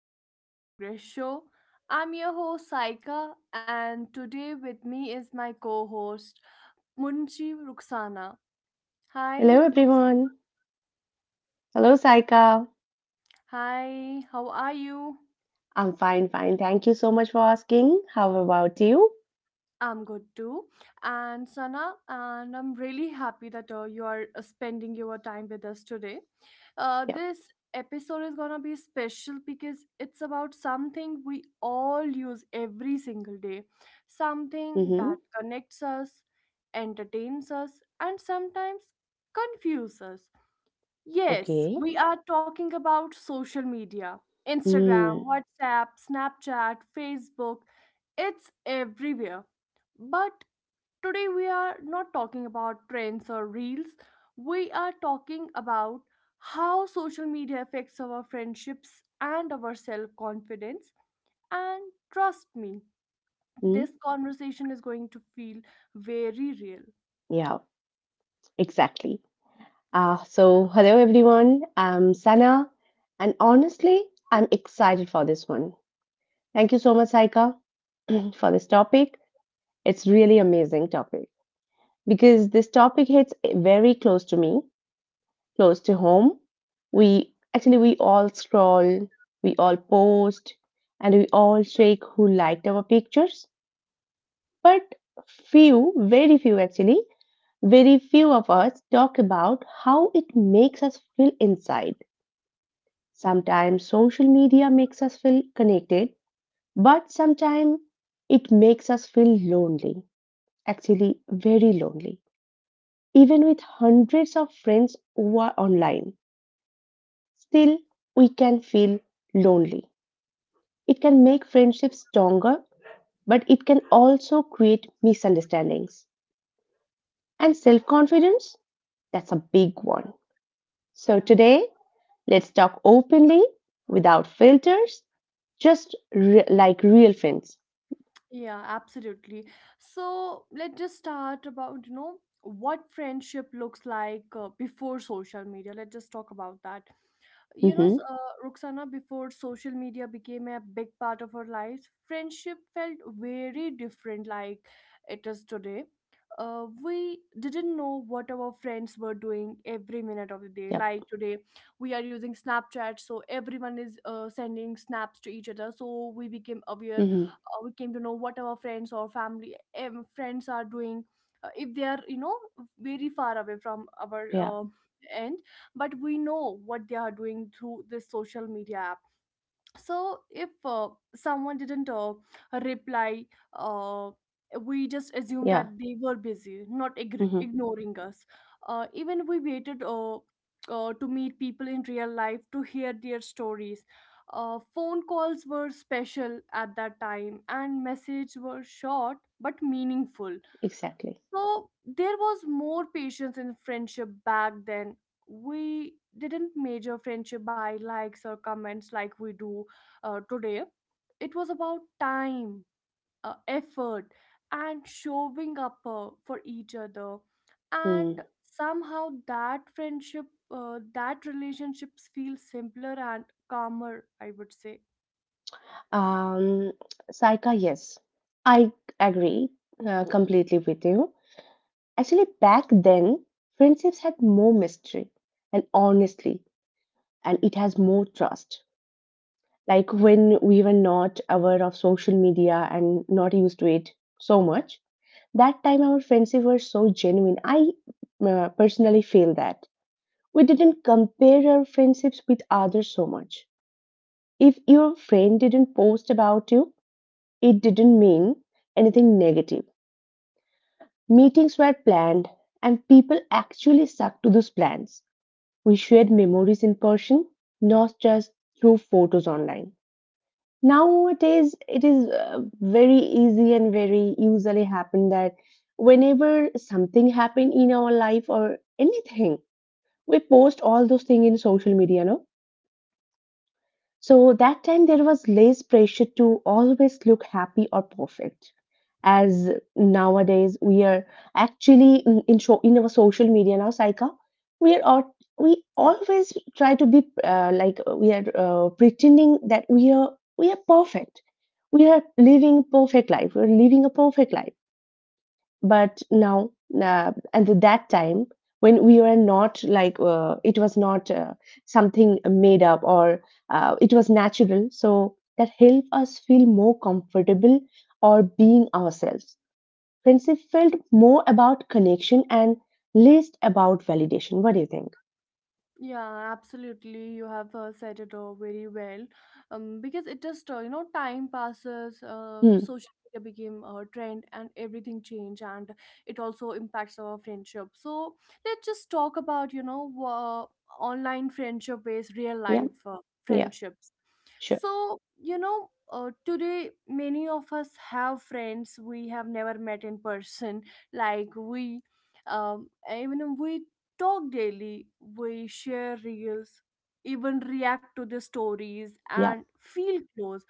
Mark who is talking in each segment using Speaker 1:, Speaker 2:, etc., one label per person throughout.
Speaker 1: Imperfect Progress Show. I'm your host, Saika, and today with me is my co host, Munshi Ruksana. Hi,
Speaker 2: Hello, everyone.
Speaker 1: Ruksana.
Speaker 2: Hello, Saika.
Speaker 1: Hi, how are you?
Speaker 2: I'm fine, fine. Thank you so much for asking. How about you?
Speaker 1: I'm good too. And Sana, and I'm really happy that you are spending your time with us today. Uh,
Speaker 2: Yeah.
Speaker 1: this episode is gonna be special because it's about something we all use every single day, something
Speaker 2: Mm-hmm.
Speaker 1: that connects us, entertains us, and sometimes confuses us. Yes,
Speaker 2: Okay.
Speaker 1: we are talking about social media Instagram,
Speaker 2: Mm.
Speaker 1: WhatsApp, Snapchat, Facebook. It's everywhere. But today we are not talking about trends or reels. We are talking about how social media affects our friendships and our self confidence. And trust me,
Speaker 2: Hmm.
Speaker 1: this conversation is going to feel very real.
Speaker 2: Yeah, exactly. So, hello, everyone. I'm Sana. And honestly, I'm excited for this one. Thank you so much, Saika, for this topic. It's really amazing topic because this topic hits very close to me, close to home. We all scroll, we all post, and we all check who liked our pictures. But few, very few actually, very few of us talk about how it makes us feel inside. Sometimes social media makes us feel connected, but sometimes it makes us feel lonely, actually, very lonely, even with hundreds of friends who are online. Still, we can feel lonely. It can make friendships stronger, but it can also create misunderstandings. And self confidence, that's a big one. So,
Speaker 1: Yeah.
Speaker 2: today, let's talk openly, without filters, just like real friends.
Speaker 1: Yeah, absolutely. So let's just start about, you know, what friendship looks like before social media. Let's just talk about that. You know,
Speaker 2: Mm-hmm.
Speaker 1: Ruxana, before social media became a big part of our lives, friendship felt very different like it is today. We didn't know what our friends were doing every minute of the day.
Speaker 2: Yep.
Speaker 1: Like today, we are using Snapchat, so everyone is sending snaps to each other. So we became aware,
Speaker 2: Mm-hmm.
Speaker 1: we came to know what our friends or family friends are doing. If they are, you know, very far away from our
Speaker 2: Yeah.
Speaker 1: end, but we know what they are doing through this social media app so if someone didn't reply uh, we just assume that
Speaker 2: Yeah.
Speaker 1: they were busy not igr
Speaker 2: Mm-hmm.
Speaker 1: ignoring us, even we waited to meet people in real life to hear their stories. Phone calls were special at that time and messages were short but meaningful,
Speaker 2: Exactly.
Speaker 1: so there was more patience in friendship back then. We didn't measure friendship by likes or comments like we do today. It was about time, effort, and showing up for each other.
Speaker 2: Hmm.
Speaker 1: And somehow that friendship, that relationships feel simpler and calmer, I would say.
Speaker 2: Um, Saika, yes, I agree completely with you. Actually, back then, friendships had more mystery and, honestly, and it has more trust. Like when we were not aware of social media and not used to it so much, that time our friendships were so genuine. I personally feel that we didn't compare our friendships with others so much. If your friend didn't post about you, it didn't mean anything negative. Meetings were planned, and people actually stuck to those plans. We shared memories in person, not just through photos online. Nowadays, it is very easy and very usually happen that whenever something happen in our life or anything, we post all those things in social media, no? So that time there was less pressure to always look happy or perfect. As nowadays we are actually in our social media now, Saika, we
Speaker 1: Yeah.
Speaker 2: always try to be like, we are pretending that we are perfect. We are living perfect life. We are living a perfect life, but now, and at that time, when we were not, like, it was not something made up, or it was natural, so that helped us feel more comfortable or being ourselves. Friendship felt more about connection and less about validation. What do you think?
Speaker 1: Yeah, absolutely. You have said it all very well. Because it just, you know, time passes,
Speaker 2: Hmm.
Speaker 1: social media became a trend and everything changed, and it also impacts our friendship. So let's just talk about, you know, online friendship based real
Speaker 2: Yeah.
Speaker 1: life
Speaker 2: Yeah,
Speaker 1: friendships.
Speaker 2: sure.
Speaker 1: So, you know, today many of us have friends we have never met in person. Like even we talk daily, we share reels, even react to the stories
Speaker 2: Yeah.
Speaker 1: and feel close.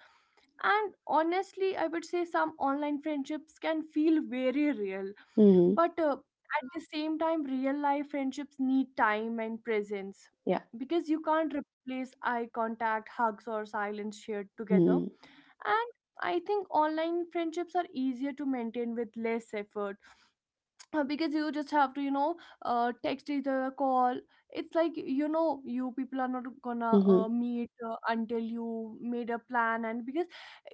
Speaker 1: And honestly, I would say some online friendships can feel very real,
Speaker 2: Hmm.
Speaker 1: but at the same time, real life friendships need time and presence
Speaker 2: Yeah.
Speaker 1: because you can't replace eye contact, hugs, or silence shared together.
Speaker 2: Hmm.
Speaker 1: And I think online friendships are easier to maintain with less effort because you just have to, you know, text each other, call. It's like, you know, you people are not gonna
Speaker 2: Hmm.
Speaker 1: meet until you made a plan, and because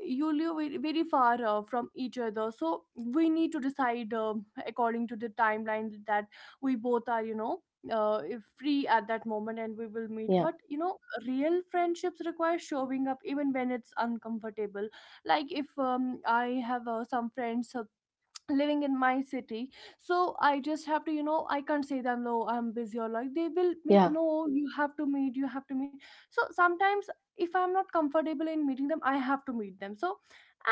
Speaker 1: you live very far from each other, so we need to decide, um, according to the timeline that we both are, you know, uh, free at that moment and we will meet.
Speaker 2: Yeah.
Speaker 1: But you know, real friendships require showing up even when it's uncomfortable. Like if, I have some friends living in my city, so I just have to, you know, I can't say them no, I'm busy, or like they will make,
Speaker 2: Yeah.
Speaker 1: no, you have to meet, you have to meet. So sometimes if I'm not comfortable in meeting them, I have to meet them. So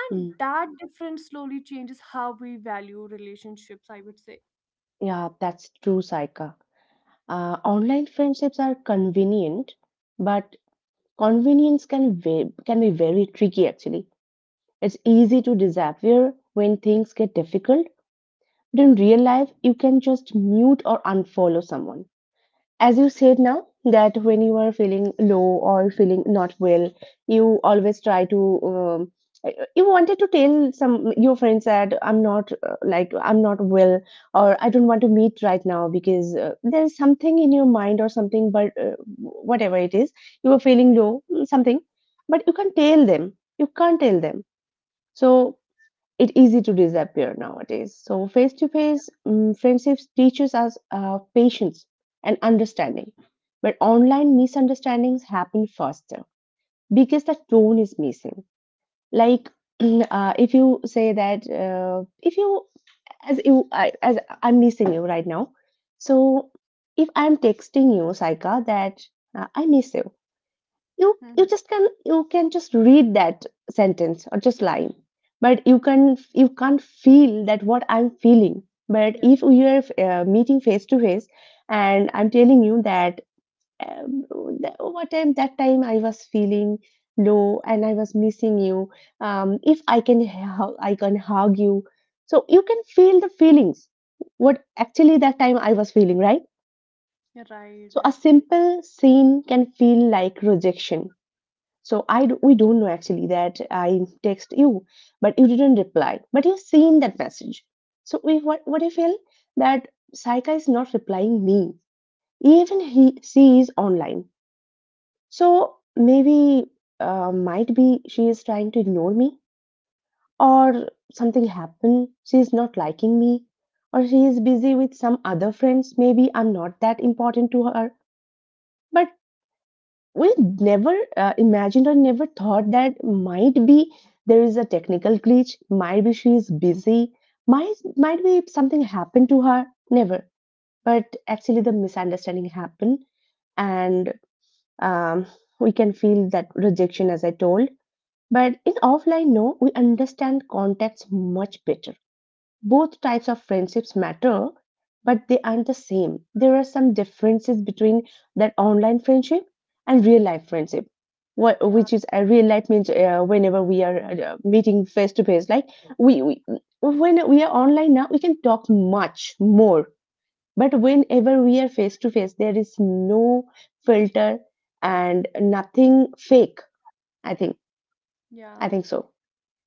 Speaker 1: and
Speaker 2: Hmm.
Speaker 1: that difference slowly changes how we value relationships, I would say.
Speaker 2: Yeah, that's true, Saika. Online friendships are convenient, but convenience can can be very tricky. Actually, it's easy to disappear when things get difficult. But in real life, you can just mute or unfollow someone. As you said, now that when you are feeling low or feeling not well, you always try to, um, you wanted to tell some your friends that I'm not, like, I'm not well, or I don't want to meet right now because, there's something in your mind or something, but, whatever it is, you are feeling low something, but you can't tell them, you can't tell them, so it's easy to disappear nowadays. So face to face friendships teaches us patience and understanding, but online misunderstandings happen faster because the tone is missing. Like, if you say that, if you as you I, as I'm missing you right now. So if I'm texting you, Saika, that, I miss you, you you
Speaker 1: Mhm.
Speaker 2: just can you can just read that sentence or just line, but you can't feel that what I'm feeling. But
Speaker 1: Yeah,
Speaker 2: if we are meeting face to face, and I'm telling you that, um, that what time that time I was feeling low and I was missing you, if I I can hug you, so you can feel the feelings, what actually that time I was feeling, right?
Speaker 1: you're right,
Speaker 2: So a
Speaker 1: absolutely.
Speaker 2: simple scene can feel like rejection. So we don't know actually that I text you, but you didn't reply, but you've seen that message. So we what I feel that Saika is not replying me, even he she is online. So maybe, might be she is trying to ignore me, or something happened. She is not liking me, or she is busy with some other friends. Maybe I'm not that important to her. But we never imagined or never thought that, might be, there is a technical glitch, might be she is busy, might be something happened to her, never. But actually the misunderstanding happened, and, um, we can feel that rejection, as I told. But in offline, no, we understand context much better. Both types of friendships matter, but they aren't the same. There are some differences between that online friendship and real life friendship.
Speaker 1: Yeah.
Speaker 2: Which is real life means whenever we are meeting face to face, like, we when we are online now, we can talk much more. But whenever we are face to face, there is no filter and nothing fake. I think I
Speaker 1: Yeah.
Speaker 2: think so.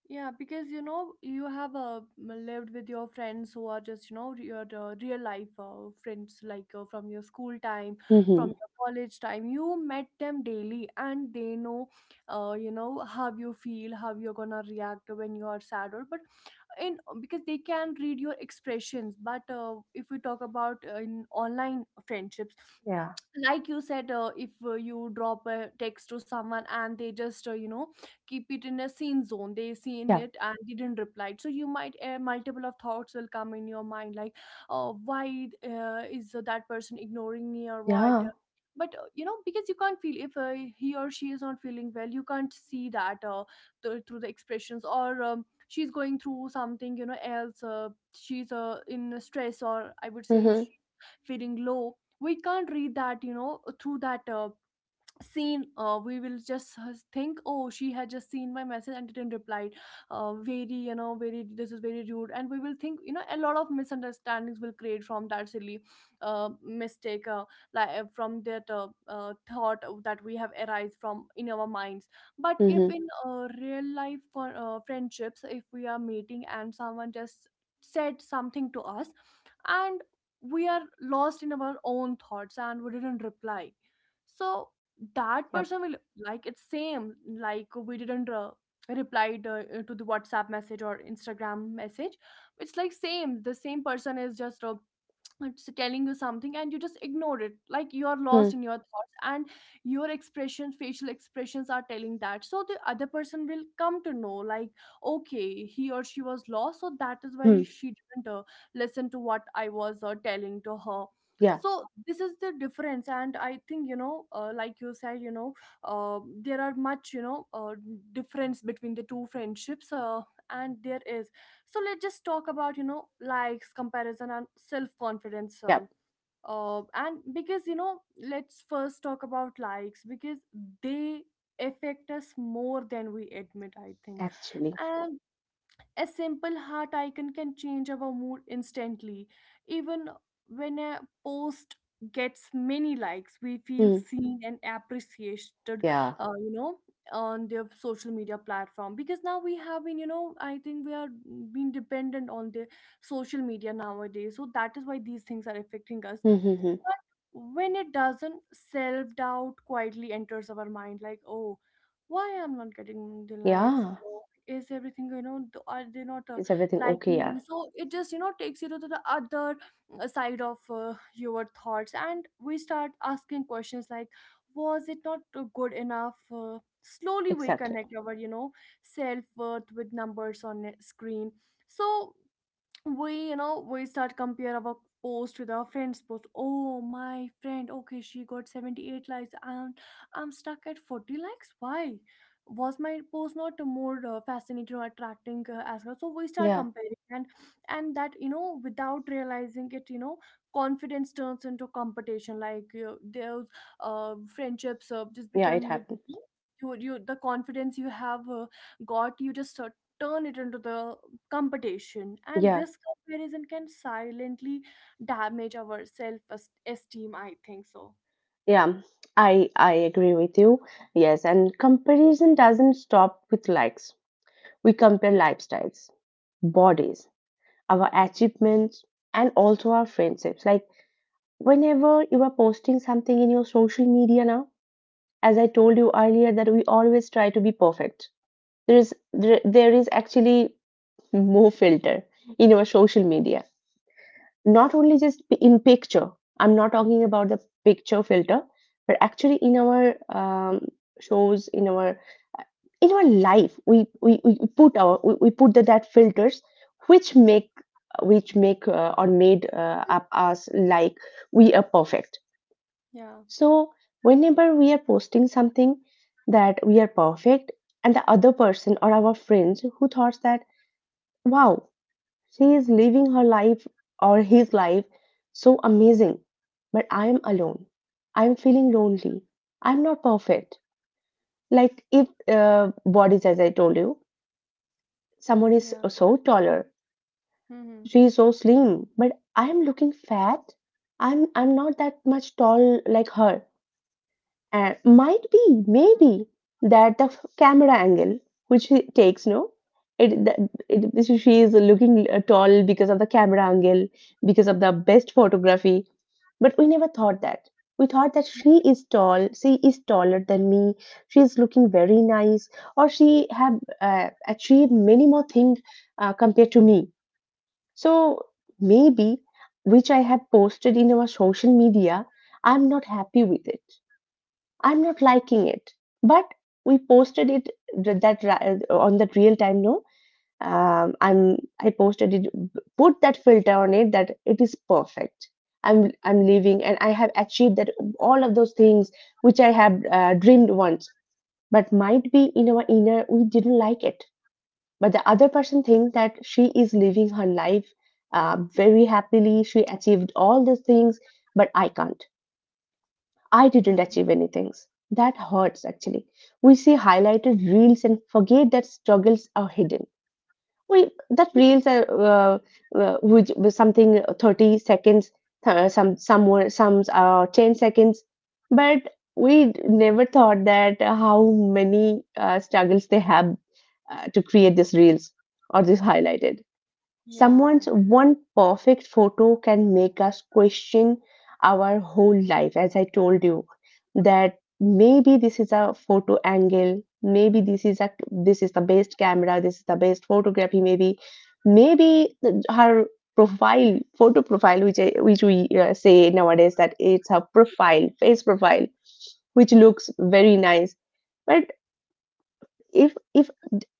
Speaker 1: Yeah, because you know you have lived with your friends who are just, you know, your real life friends, like from your school time,
Speaker 2: Hmm.
Speaker 1: from your college time. You met them daily, and they know, you know how you feel, how you're gonna react when you are sad, or but in because they can read your expressions. But if we talk about in online friendships,
Speaker 2: Yeah.
Speaker 1: like you said, if you drop a text to someone and they just you know keep it in a scene zone, they seen
Speaker 2: Yeah.
Speaker 1: it and didn't reply, so you might multiple of thoughts will come in your mind like, why is that person ignoring me or what?
Speaker 2: Yeah.
Speaker 1: But you know, because you can't feel if he or she is not feeling well, you can't see that through the expressions, or she's going through something, you know, else, she's in stress, or I would say
Speaker 2: Mm-hmm.
Speaker 1: she's feeling low. We can't read that, you know, through that seen. We will just think, oh, she had just seen my message and didn't reply, very, you know, very, this is very rude. And we will think, you know, a lot of misunderstandings will create from that silly mistake, from that thought that we have arise from in our minds. But if
Speaker 2: Hmm.
Speaker 1: in real life for friendships, if we are meeting and someone just said something to us, and we are lost in our own thoughts and we didn't reply, so that
Speaker 2: Yep.
Speaker 1: person will, like, it's same, like we didn't replied to the WhatsApp message or Instagram message. It's like same, the same person is just it's telling you something and you just ignore it, like you are lost
Speaker 2: Hmm.
Speaker 1: in your thoughts and your expressions, facial expressions are telling that. So the other person will come to know, like, okay, he or she was lost, so that is why
Speaker 2: Hmm.
Speaker 1: she didn't listen to what I was telling to her.
Speaker 2: Yeah.
Speaker 1: So this is the difference, and I think, you know, like you said, you know, there are much, you know, difference between the two friendships, and there is. So let's just talk about, you know, likes, comparison and self-confidence.
Speaker 2: Yeah,
Speaker 1: And because, you know, let's first talk about likes because they affect us more than we admit, I think.
Speaker 2: actually.
Speaker 1: And a simple heart icon can change our mood instantly. Even when a post gets many likes, we feel
Speaker 2: Hmm.
Speaker 1: seen and appreciated,
Speaker 2: Yeah.
Speaker 1: you know, on their social media platform. Because now we have been, you know, I think we are being dependent on the social media nowadays. So that is why these things are affecting us.
Speaker 2: Hmm. Hmm, hmm.
Speaker 1: But when it doesn't, self doubt quietly enters our mind, like, oh, why I'm not getting the likes?
Speaker 2: Yeah.
Speaker 1: Oh, is everything, you know, are they not
Speaker 2: Is everything okay?
Speaker 1: liking me?
Speaker 2: Yeah,
Speaker 1: So it just, you know, takes you to the other side of your thoughts, and we start asking questions like, was it not good enough? Slowly we
Speaker 2: exactly.
Speaker 1: connect our, you know, self worth with numbers on a screen. So we, you know, we start compare our post with our friend's post. Oh, my friend, okay, she got 78 likes and I'm stuck at 40 likes. Why was my post not more fascinating or attracting as well? So we start
Speaker 2: Yeah,
Speaker 1: comparing. And that, you know, without realizing it, you know, confidence turns into competition. Like you those friendships just
Speaker 2: yeah, it
Speaker 1: become,
Speaker 2: happened.
Speaker 1: you, the confidence you have got, you just turn it into the competition. And
Speaker 2: Yeah,
Speaker 1: this comparison can silently damage our self esteem, I think so.
Speaker 2: yeah. I agree with you. Yes, and comparison doesn't stop with likes. We compare lifestyles, bodies, our achievements, and also our friendships. Like whenever you are posting something in your social media now, as I told you earlier, that we always try to be perfect. There is actually more filter in your social media. Not only just in picture, I'm not talking about the picture filter, but actually in our shows, in our life, we put our, we put that filters, which make which make, or made up us like we are perfect.
Speaker 1: Yeah.
Speaker 2: So whenever we are posting something that we are perfect, and the other person or our friends who thought that, wow, she is living her life or his life so amazing. But I am alone. I am feeling lonely. I'm not perfect. Like if, bodies, as I told you, someone is
Speaker 1: Yeah.
Speaker 2: so taller,
Speaker 1: Mm-hmm.
Speaker 2: she is so slim, but I am looking fat. I'm not that much tall like her. And might be, maybe that the camera angle which he takes, no, it, that, it this she is looking tall because of the camera angle, because of the best photography. But we never thought that. We thought that she is tall, she is taller than me, she is looking very nice, or she have achieved many more things compared to me. So maybe, which I have posted in our social media, I'm not happy with it. I'm not liking it. But we posted it that on that real time. No, I posted it. Put that filter on it that it is perfect. I'm leaving and I have achieved that all of those things which I have dreamed once. But might be in our inner we didn't like it. But the other person thinks that she is living her life very happily. She achieved all these things, but I can't, I didn't
Speaker 1: Yeah.
Speaker 2: achieve anything. That hurts actually. We see highlighted reels and forget that struggles are hidden. We that reels are, which something 30 seconds, some are 10 seconds, but we never thought that, how many struggles they have to create these reels or this highlighted.
Speaker 1: Yeah.
Speaker 2: Someone's one perfect photo can make us question our whole life, as I told you, that maybe this is a photo angle, maybe this is a this is the best camera, this is the best photography, maybe, maybe her profile photo profile which I, which we say nowadays that it's her profile face profile which looks very nice. But if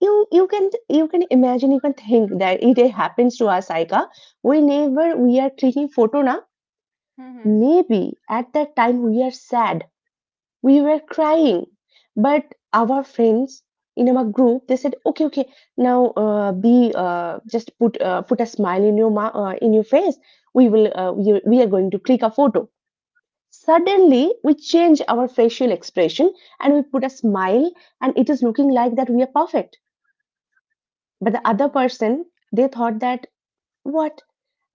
Speaker 2: you, you can imagine, you can think that it happens to us, aika, whenever we are clicking photo, na.
Speaker 1: Mm-hmm.
Speaker 2: Maybe at that time we are sad, we were crying, but our friends in our group they said, okay, okay, now, be, just put, put a smile in your in your face. We will, we are going to click a photo. Suddenly we change our facial expression and we put a smile and it is looking like that we are perfect. But the
Speaker 1: Yeah.
Speaker 2: other person, they thought that, what,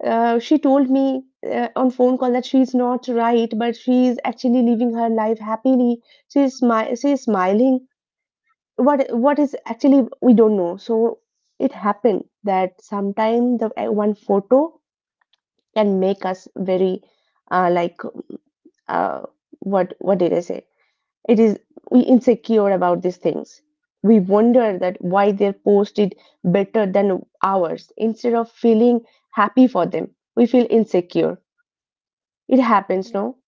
Speaker 2: she told me, on phone call that she's not right, but she's actually living her life happily. She's smiling. What is actually we don't know. So it happened that sometimes the, one photo can make us very, like, uh, what did I say? It is, we insecure about these things. We wonder that why their post did better than ours. Instead of feeling happy for them, we feel insecure. It happens,
Speaker 1: Yeah.
Speaker 2: no?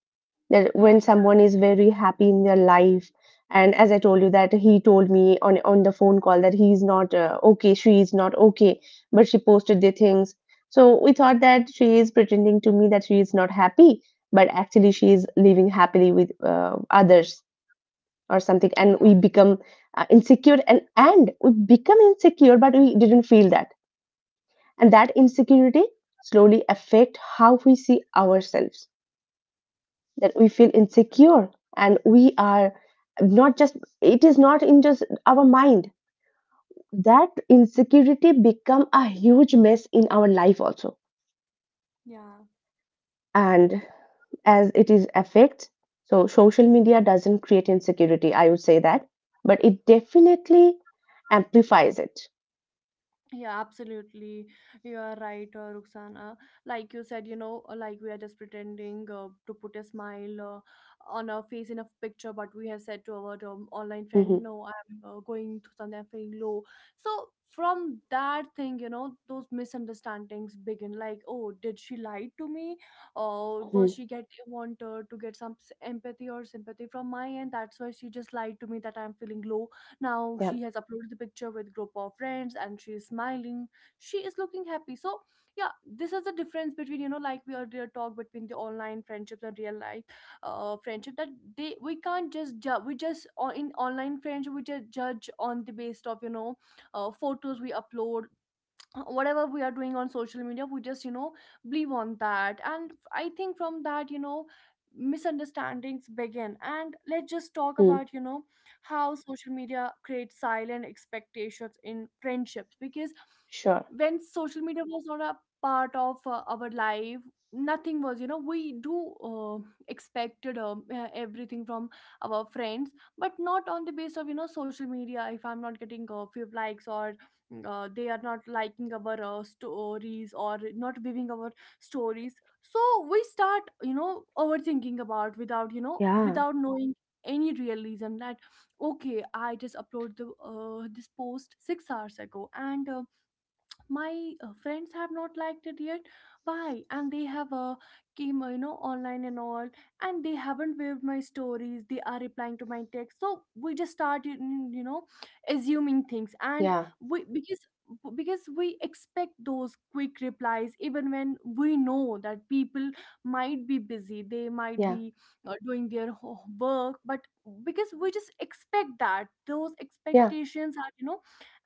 Speaker 2: That
Speaker 1: Yeah,
Speaker 2: when
Speaker 1: exactly.
Speaker 2: someone is very happy in their life, and as I told you that he told me on the phone call that he is not okay, she is not okay, but she posted the things. So we thought that she is pretending to me that she is not happy, but actually she is living happily with others or something, and
Speaker 1: Yeah.
Speaker 2: we become insecure, and we become insecure, but we didn't feel that. And that insecurity slowly affect how we see ourselves, that we feel insecure and we are not just it is not in just our mind, that insecurity become a huge mess in our life also.
Speaker 1: Yeah.
Speaker 2: And as it is affects, so social media doesn't create insecurity, I would say that, but it definitely amplifies it.
Speaker 1: Yeah, absolutely. You are right, Ruxana. Like you said, you know, like we are just pretending to put a smile on our face in a picture, but we have said to our, online friend,
Speaker 2: Mhm.
Speaker 1: no, I'm going through something, I'm feeling low. So from that thing, you know, those misunderstandings begin. Like, oh, did she lie to me? Or was
Speaker 2: Mm,
Speaker 1: she get want to get some empathy or sympathy from my end? That's why she just lied to me that I'm feeling low, now
Speaker 2: yeah.
Speaker 1: she has uploaded the picture with group of friends and she is smiling. She is looking happy. So yeah, this is the difference between, you know, like we earlier talked between the online friendships and real life friendship that they, we can't just judge. We just in online friendship we just judge on the based of photos we upload. Whatever we are doing on social media we just believe on that, and I think from that misunderstandings begin. And let's just talk
Speaker 2: Mm,
Speaker 1: about you know how social media creates silent expectations in friendships, because
Speaker 2: sure.
Speaker 1: when social media was not a part of our life, nothing was you know we do expected everything from our friends, but not on the base of you know social media. If I'm not getting a few likes or they are not liking our stories or not viewing our stories, so we start you know overthinking about without you know
Speaker 2: Yeah.
Speaker 1: without knowing any real reason that okay, I just uploaded the, this post 6 hours ago and my friends have not liked it yet, why? And they have came you know online and all, and they haven't viewed my stories, they are replying to my text. So we just started you know assuming things. And
Speaker 2: Yeah.
Speaker 1: we because we expect those quick replies even when we know that people might be busy, they might
Speaker 2: Yeah.
Speaker 1: be doing their work. But because we just expect that, those
Speaker 2: Yeah.
Speaker 1: expectations are you know.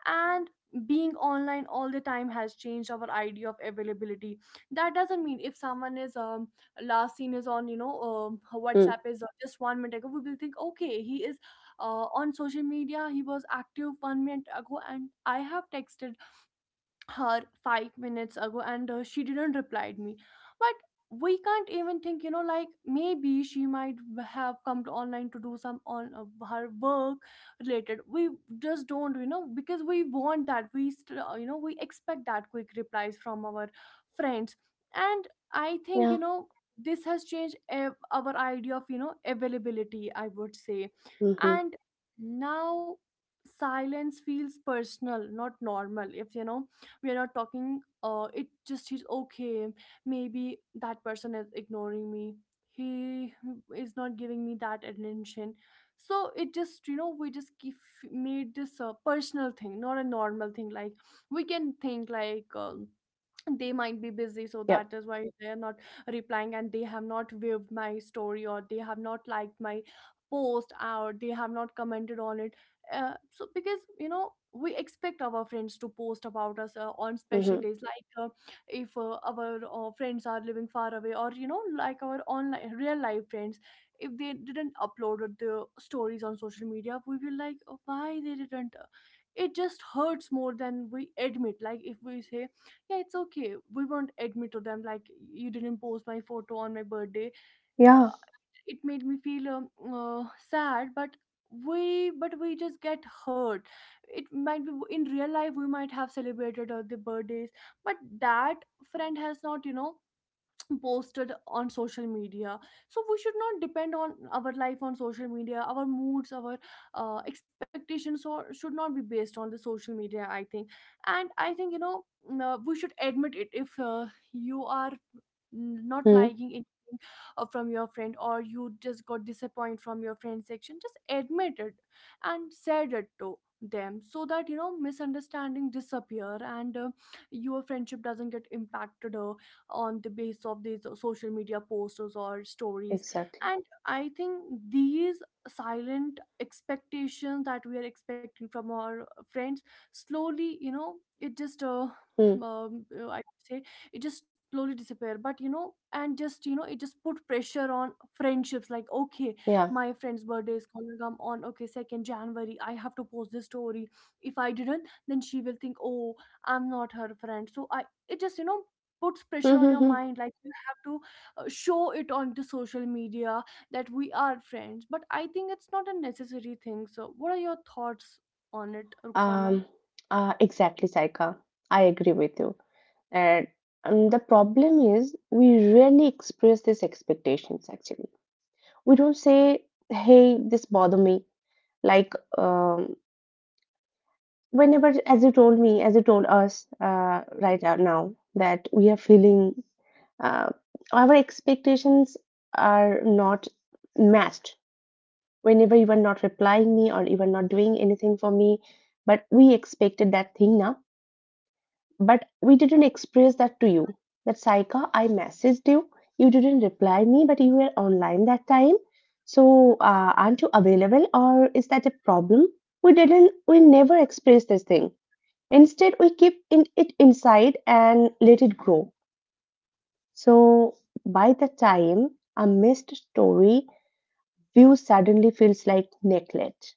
Speaker 1: And being online all the time has changed our idea of availability. That doesn't mean if someone is last seen is on you know
Speaker 2: Mm,
Speaker 1: WhatsApp is just 1 minute ago, we will think okay, he is on social media, he was active 1 minute ago, and I have texted her 5 minutes ago and she didn't reply me. But we can't even think you know like maybe she might have come to online to do some on her work related. We just don't you know, because we want that, we you know, we expect that quick replies from our friends. And I think you
Speaker 2: yeah.
Speaker 1: know this has changed our idea of you know availability, I would say.
Speaker 2: Mm-hmm.
Speaker 1: And now silence feels personal, not normal. If you know we are not talking uh, it just is okay, maybe that person is ignoring me, he is not giving me that attention. So it just you know we just keep made this a personal thing, not a normal thing. Like, we can think like um, they might be busy, so
Speaker 2: Yep.
Speaker 1: that is why they are not replying, and they have not viewed my story, or they have not liked my post, or they have not commented on it. So because you know we expect our friends to post about us on special
Speaker 2: Mm-hmm.
Speaker 1: days. Like if our friends are living far away, or you know like our online real life friends, if they didn't upload the stories on social media, we will like, "Oh, why they didn't?" It just hurts more than we admit. Like if we say yeah it's okay, we won't admit to them like, you didn't post my photo on my birthday,
Speaker 2: Yeah.
Speaker 1: uh, it made me feel sad. But we but we just get hurt. It might be in real life we might have celebrated the birthdays, but that friend has not you know posted on social media. So we should not depend on our life on social media, our moods, our expectations or should not be based on the social media, I think. And I think you know we should admit it. If you are not
Speaker 2: Mm,
Speaker 1: liking anything from your friend, or you just got disappointed from your friend section, just admit it and said it to them, so that you know misunderstanding disappear and your friendship doesn't get impacted on the base of these social media posters or stories.
Speaker 2: exactly.
Speaker 1: And I think these silent expectations that we are expecting from our friends, slowly you know it just
Speaker 2: Mm,
Speaker 1: I would say it just slowly disappear. But you know and just you know it just put pressure on friendships, like okay,
Speaker 2: yeah.
Speaker 1: my friend's birthday is gonna come on okay 2nd January, I have to post this story. If I didn't, then she will think, oh, I'm not her friend. So I, it just you know puts pressure on your
Speaker 2: Mm-hmm.
Speaker 1: mind like you have to show it on the social media that we are friends, but I think it's not a necessary thing. So what are your thoughts on it, Ruxana?
Speaker 2: Um. Exactly, Saika. I agree with you. And the problem is we rarely express these expectations. Actually, we don't say, "Hey, this bother me." Like, whenever as you told me, as you told us, right now that we are feeling uh, our expectations are not matched whenever you are not replying me or you are not doing anything for me, but we expected that thing now, but we didn't express that to you, that Saika, I messaged you, you didn't reply me, but you were online that time. So aren't you available, or is that a problem? We never expressed this thing. Instead we keep in, it inside and let it grow. So by the time, a missed story view suddenly feels like neglect,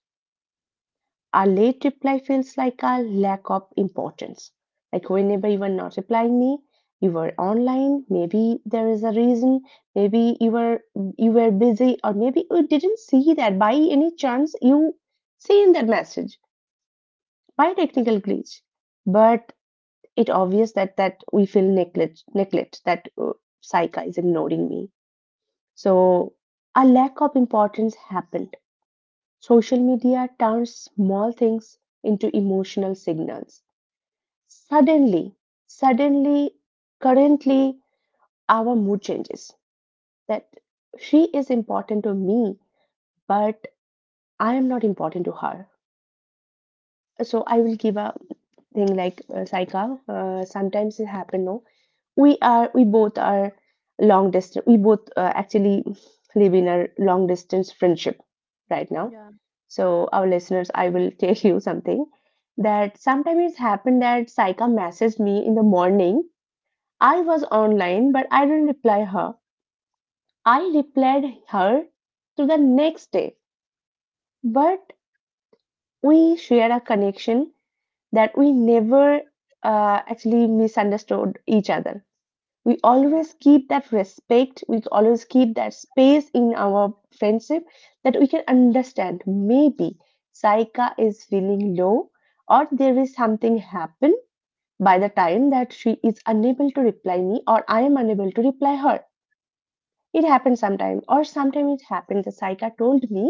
Speaker 2: a late reply feels like a lack of importance. Like whenever you were not replying me, you were online. Maybe there is a reason. Maybe you were busy, or maybe you didn't see that by any chance you seen that message by technical glitch. But it obvious that we feel neglect that Saika is ignoring me. So a lack of importance happened. Social media turns small things into emotional signals. Suddenly, suddenly, currently, our mood changes. That she is important to me, but I am not important to her. So I will give a thing like Saika. Sometimes it happens. We both are long distance, we both actually live in a long distance friendship right now.
Speaker 1: Yeah,
Speaker 2: So our listeners, I will tell you something, that sometimes it's happened that Saika messaged me in the morning. I was online but I didn't reply her. I replied her to the next day. But we shared a connection, that we never actually misunderstood each other. We
Speaker 1: yeah,
Speaker 2: always keep that respect, we always keep that space in our friendship, that we can understand, maybe Saika is feeling low, or there is something happen by the time, that she is unable to reply me or I am unable to reply her. It happened sometime, or sometime it happened the Saika told me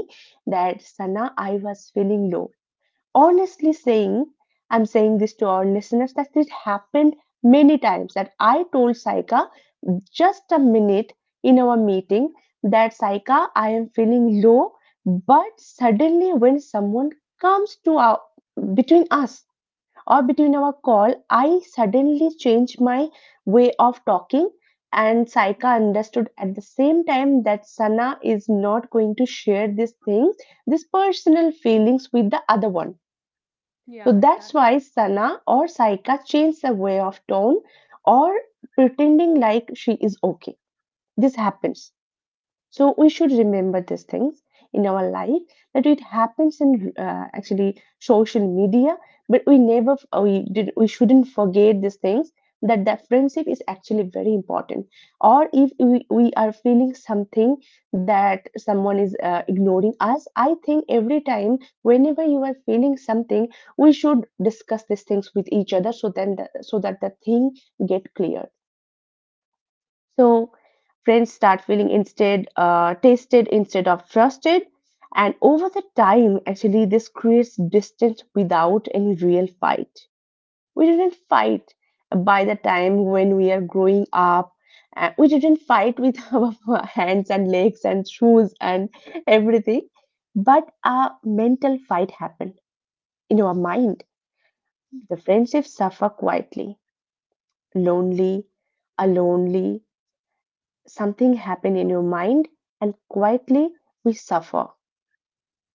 Speaker 2: that Sana, I was feeling low. Honestly saying, I'm saying this to our listeners, that it happened many times that I told Saika, just a minute, in our meeting, that Saika, I am feeling low, but suddenly when someone comes to our between us, or between our call, I suddenly change my way of talking. And Saika understood at the same time that Sana is not going to share these things, these personal feelings with the other one. So
Speaker 1: yeah,
Speaker 2: that's
Speaker 1: exactly,
Speaker 2: why Sana or Saika changed the way of tone, or pretending like she is okay. This happens. So we should remember these things in our life, that it happens in actually social media. But we never we did we shouldn't forget these things, that the friendship is actually very important. Or if we are feeling something, that someone is ignoring us, I think every time whenever you are feeling something, we should discuss these things with each other, so so that the thing get clear. So friends start feeling instead tasted instead of trusted, and over the time, actually, this creates distance without any real fight. We didn't fight by the time when we are growing up. We didn't fight with our hands and legs and shoes and everything, but a mental fight happened in our mind. The friendship suffer quietly, lonely, alonely, something happen in your mind and quietly we suffer,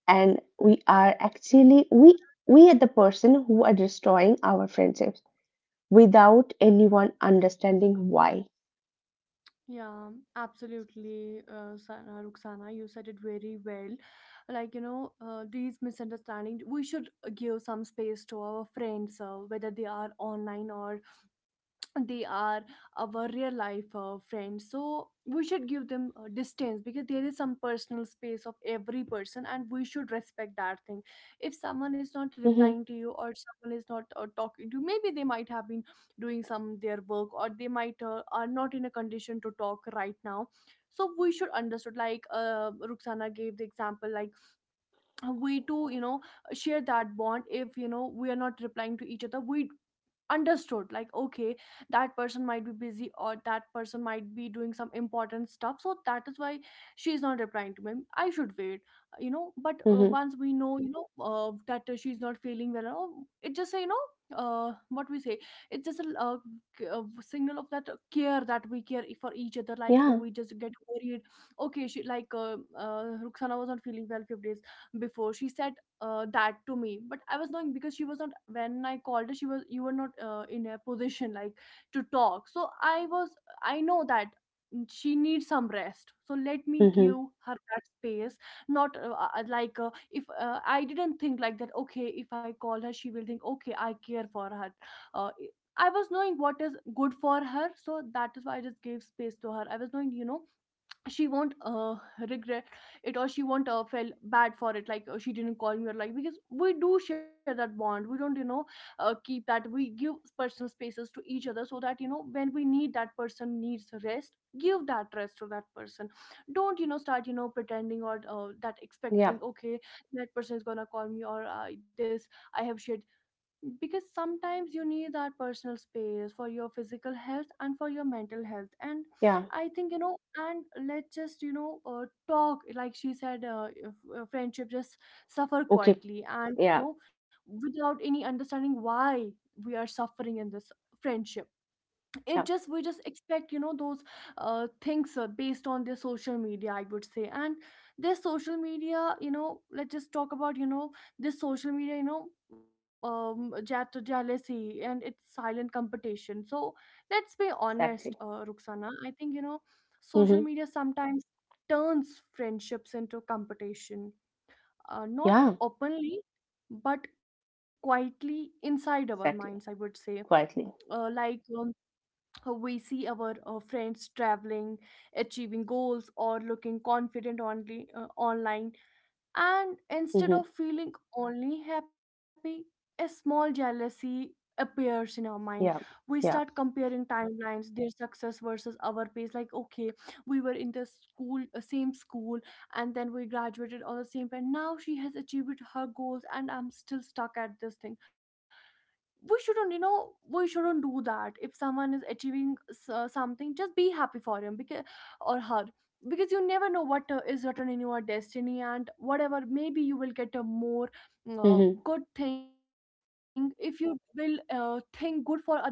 Speaker 2: and we are actually we are the person who are destroying our friendships without anyone understanding why.
Speaker 1: yeah, absolutely, Ruxana, you said it very well. Like you know these misunderstandings, we should give some space to our friends, whether they are online or they are our real life friends. So we should give them distance, because there is some personal space of every person and we should respect that thing. If someone is not
Speaker 2: Hmm.
Speaker 1: replying to you or someone is not talking to you, maybe they might have been doing some their work, or they might are not in a condition to talk right now. So we should understood like Ruxana gave the example like we too you know share that bond. If you know we are not replying to each other, we understood like okay, that person might be busy, or that person might be doing some important stuff, so that is why she's not replying to me, I should wait. You know, but
Speaker 2: Hmm.
Speaker 1: once we know you know that she's not feeling well, or it just you know what we say, it's just a, signal of that care that we care for each other. Like
Speaker 2: Yeah.
Speaker 1: we just get worried, okay she like Ruxana was not feeling well few days before, she said that to me. But I was knowing because she was not, when I called her she was, you were not in a position like to talk. So I was, I know that she needs some rest, so let me
Speaker 2: Hmm.
Speaker 1: give her that space. Not like if I didn't think like that, okay if I call her she will think okay, I care for her. uh, I was knowing what is good for her, so that is why I just gave space to her. I was knowing you know she won't regret it or she won't feel bad for it. Like she didn't call me or, like because we do share that bond, we don't you know keep that, we give personal spaces to each other, so that you know when we need, that person needs rest, give that rest to that person. Don't you know start you know pretending or that
Speaker 2: Yeah.
Speaker 1: expecting okay that person is gonna call me, or this I have shared. Because sometimes you need that personal space for your physical health and for your mental health. And
Speaker 2: Yeah.
Speaker 1: I think you know, and let's just you know talk like she said if, friendship just suffer
Speaker 2: Okay.
Speaker 1: quietly and
Speaker 2: Yeah.
Speaker 1: you know without any understanding why we are suffering in this friendship.
Speaker 2: Yeah.
Speaker 1: It just we just expect you know those things based on their social media, I would say. And this social media you know, let's just talk about you know this social media you know um, jealousy and it's silent competition. So let's be honest,
Speaker 2: Exactly.
Speaker 1: Ruxana, I think you know social
Speaker 2: Hmm.
Speaker 1: media sometimes turns friendships into competition, not
Speaker 2: Yeah.
Speaker 1: openly, but quietly inside our minds, I would
Speaker 2: Exactly.
Speaker 1: say.
Speaker 2: Quietly.
Speaker 1: Like we see our friends traveling, achieving goals, or looking confident only online. And instead
Speaker 2: Hmm.
Speaker 1: of feeling only happy, a small jealousy appears in our mind.
Speaker 2: Yeah.
Speaker 1: We start
Speaker 2: Yeah.
Speaker 1: comparing timelines, their success versus our pace. Like okay, we were in the school same school, and then we graduated on the same time, now she has achieved her goals and I'm still stuck at this thing. We shouldn't you know, we shouldn't do that. If someone is achieving something, just be happy for him, because or her, because you never know what is written in your destiny, and whatever maybe you will get a more
Speaker 2: Hmm.
Speaker 1: good thing. If you will think good for others,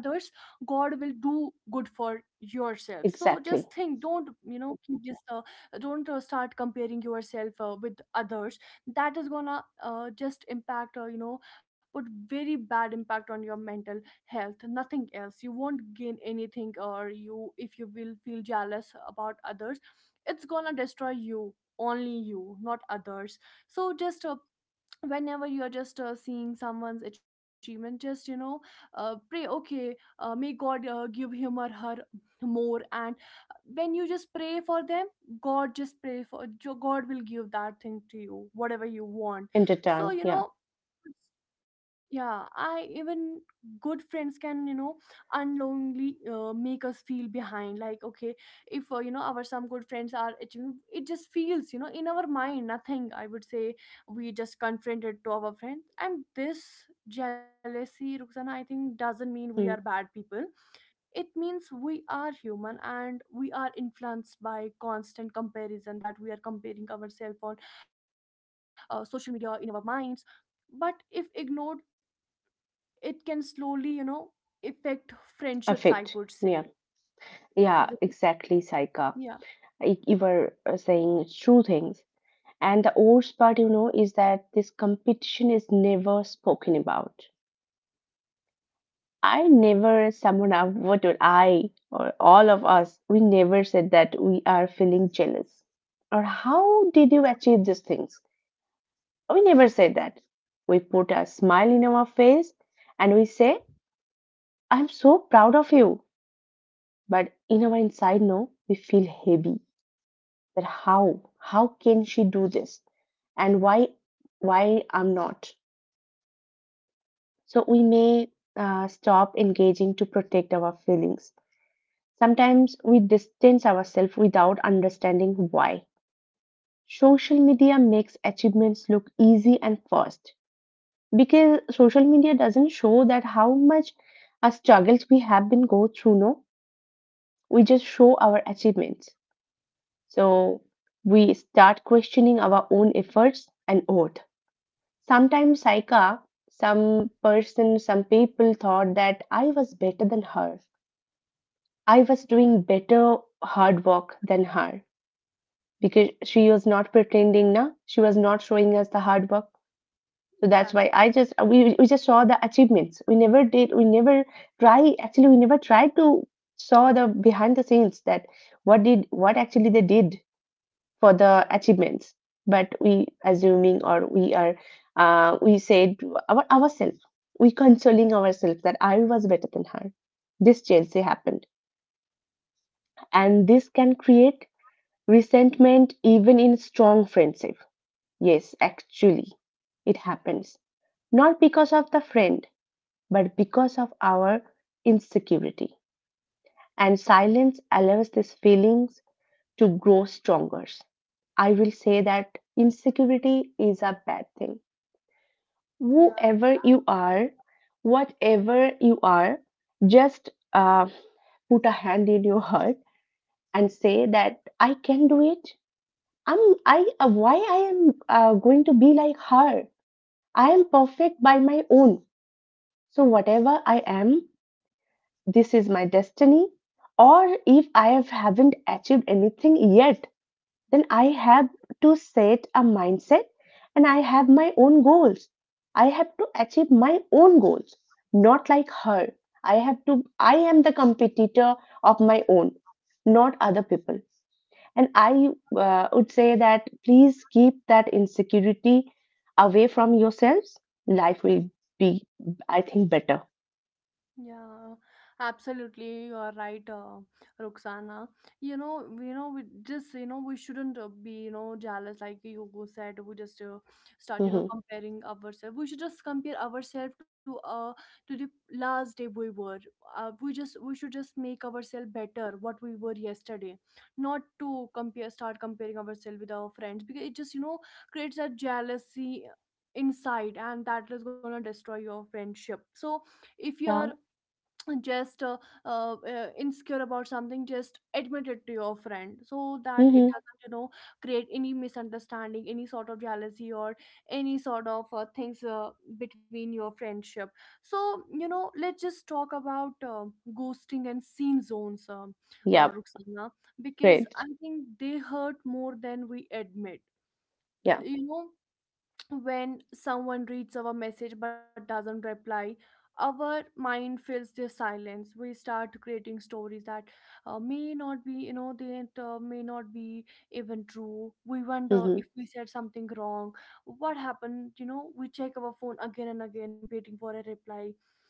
Speaker 1: god will do good for yourself. So just
Speaker 2: Exactly.
Speaker 1: think, don't you know keep this don't start comparing yourself with others. That is gonna just impact you know, but very bad impact on your mental health, nothing else. You won't gain anything, or you, if you will feel jealous about others, it's gonna destroy you only, you not others. So just whenever you are just seeing someone's achievement, just you know pray okay, may god give him or her more. And when you just pray for them, god just pray for god will give that thing to you whatever you want.
Speaker 2: In
Speaker 1: So
Speaker 2: return.
Speaker 1: you
Speaker 2: Yeah.
Speaker 1: know, yeah I even good friends can you know unknowingly make us feel behind, like okay, if you know our some good friends are achieving, it just feels you know in our mind nothing, I would say we just confronted to our friends. And this jealousy, Ruxana, I think doesn't mean we are
Speaker 2: Hmm.
Speaker 1: bad people, it means we are human. And we are influenced by constant comparison, that we are comparing ourselves on social media in our minds. But if ignored, it can slowly affect friendships, I would
Speaker 2: Affect.
Speaker 1: say.
Speaker 2: Yeah.
Speaker 1: Is it?
Speaker 2: Yeah, exactly, Saika.
Speaker 1: Yeah,
Speaker 2: You were saying true things. And the worst part, is that this competition is never spoken about. I never, someone, out- What would I or all of us, we never said that we are feeling jealous, or how did you achieve these things? We never said that. We put a smile in our face and we say, "I'm so proud of you." But in our inside, no, we feel heavy, that how can she do this? And why I'm not? So we may stop engaging to protect our feelings. Sometimes we distance ourselves without understanding why. Social media makes achievements look easy and fast, because social media doesn't show that how much our struggles we have been go through. No, we just show our achievements. So we start questioning our own efforts and oath. Sometimes Saika, some people thought that I was better than her. I was doing better hard work than her, because she was not pretending na, she was not showing us the hard work. So that's
Speaker 1: exactly.
Speaker 2: why I just we just saw the achievements. We never did we never try actually we never tried to saw the behind the scenes, that what actually they did for the achievements. But we assuming, or we said to ourselves, we consoling ourselves that I was better than her. This jealousy happened, and this can create resentment even in strong friendship. Yes, actually, it happens not because of the friend, but because of our insecurity. And silence allows these feelings to grow stronger. I will say that insecurity is a bad thing. Whoever you are, whatever you are, just put a hand in your heart and say that I can do it. I'm I Why I am going to be like her. I am perfect by my own. So, whatever I am, this is my destiny. Or if haven't achieved anything yet, then I have to set a mindset and I have my own goals. I have to achieve my own goals, not like her. I am the competitor of my own, not other people. And I would say that please keep that insecurity away from yourselves. Life will be, I think, better.
Speaker 1: Yeah, absolutely. You are right, Roxana. You know, we just, you know, we shouldn't be, you know, jealous. Like you said, we just start, you know,
Speaker 2: Mhm.
Speaker 1: comparing ourselves. We should just compare ourselves to the last day we were. We should just make ourselves better what we were yesterday, not to compare start comparing ourselves with our friends, because it just, you know, creates a jealousy inside, and that is gonna destroy your friendship. So if you are
Speaker 2: Yeah.
Speaker 1: just insecure about something, just admit it to your friend, so that it
Speaker 2: Mhm.
Speaker 1: doesn't, you know, create any misunderstanding, any sort of jealousy, or any sort of things between your friendship. So, you know, let's just talk about ghosting and scene zones,
Speaker 2: Yeah.
Speaker 1: Ruxana, because
Speaker 2: Great.
Speaker 1: I think they hurt more than we admit.
Speaker 2: Yeah.
Speaker 1: You know, when someone reads our message but doesn't reply, our mind fills the silence. We start creating stories that may not be even true. We wonder
Speaker 2: Mhm.
Speaker 1: if we said something wrong, what happened. You know, we check our phone again and again waiting for a reply,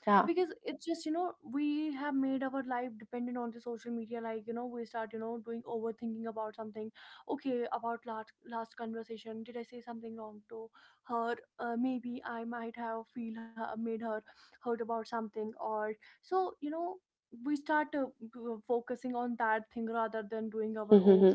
Speaker 2: Yeah.
Speaker 1: because it's just, you know, we have made our life dependent on the social media. Like, you know, we start, you know, doing overthinking about something. Okay, about last last conversation, did I say something wrong to her? Maybe I might have made her hurt about something, or, so you know, we start focusing on that thing rather than doing our own
Speaker 2: Mhm.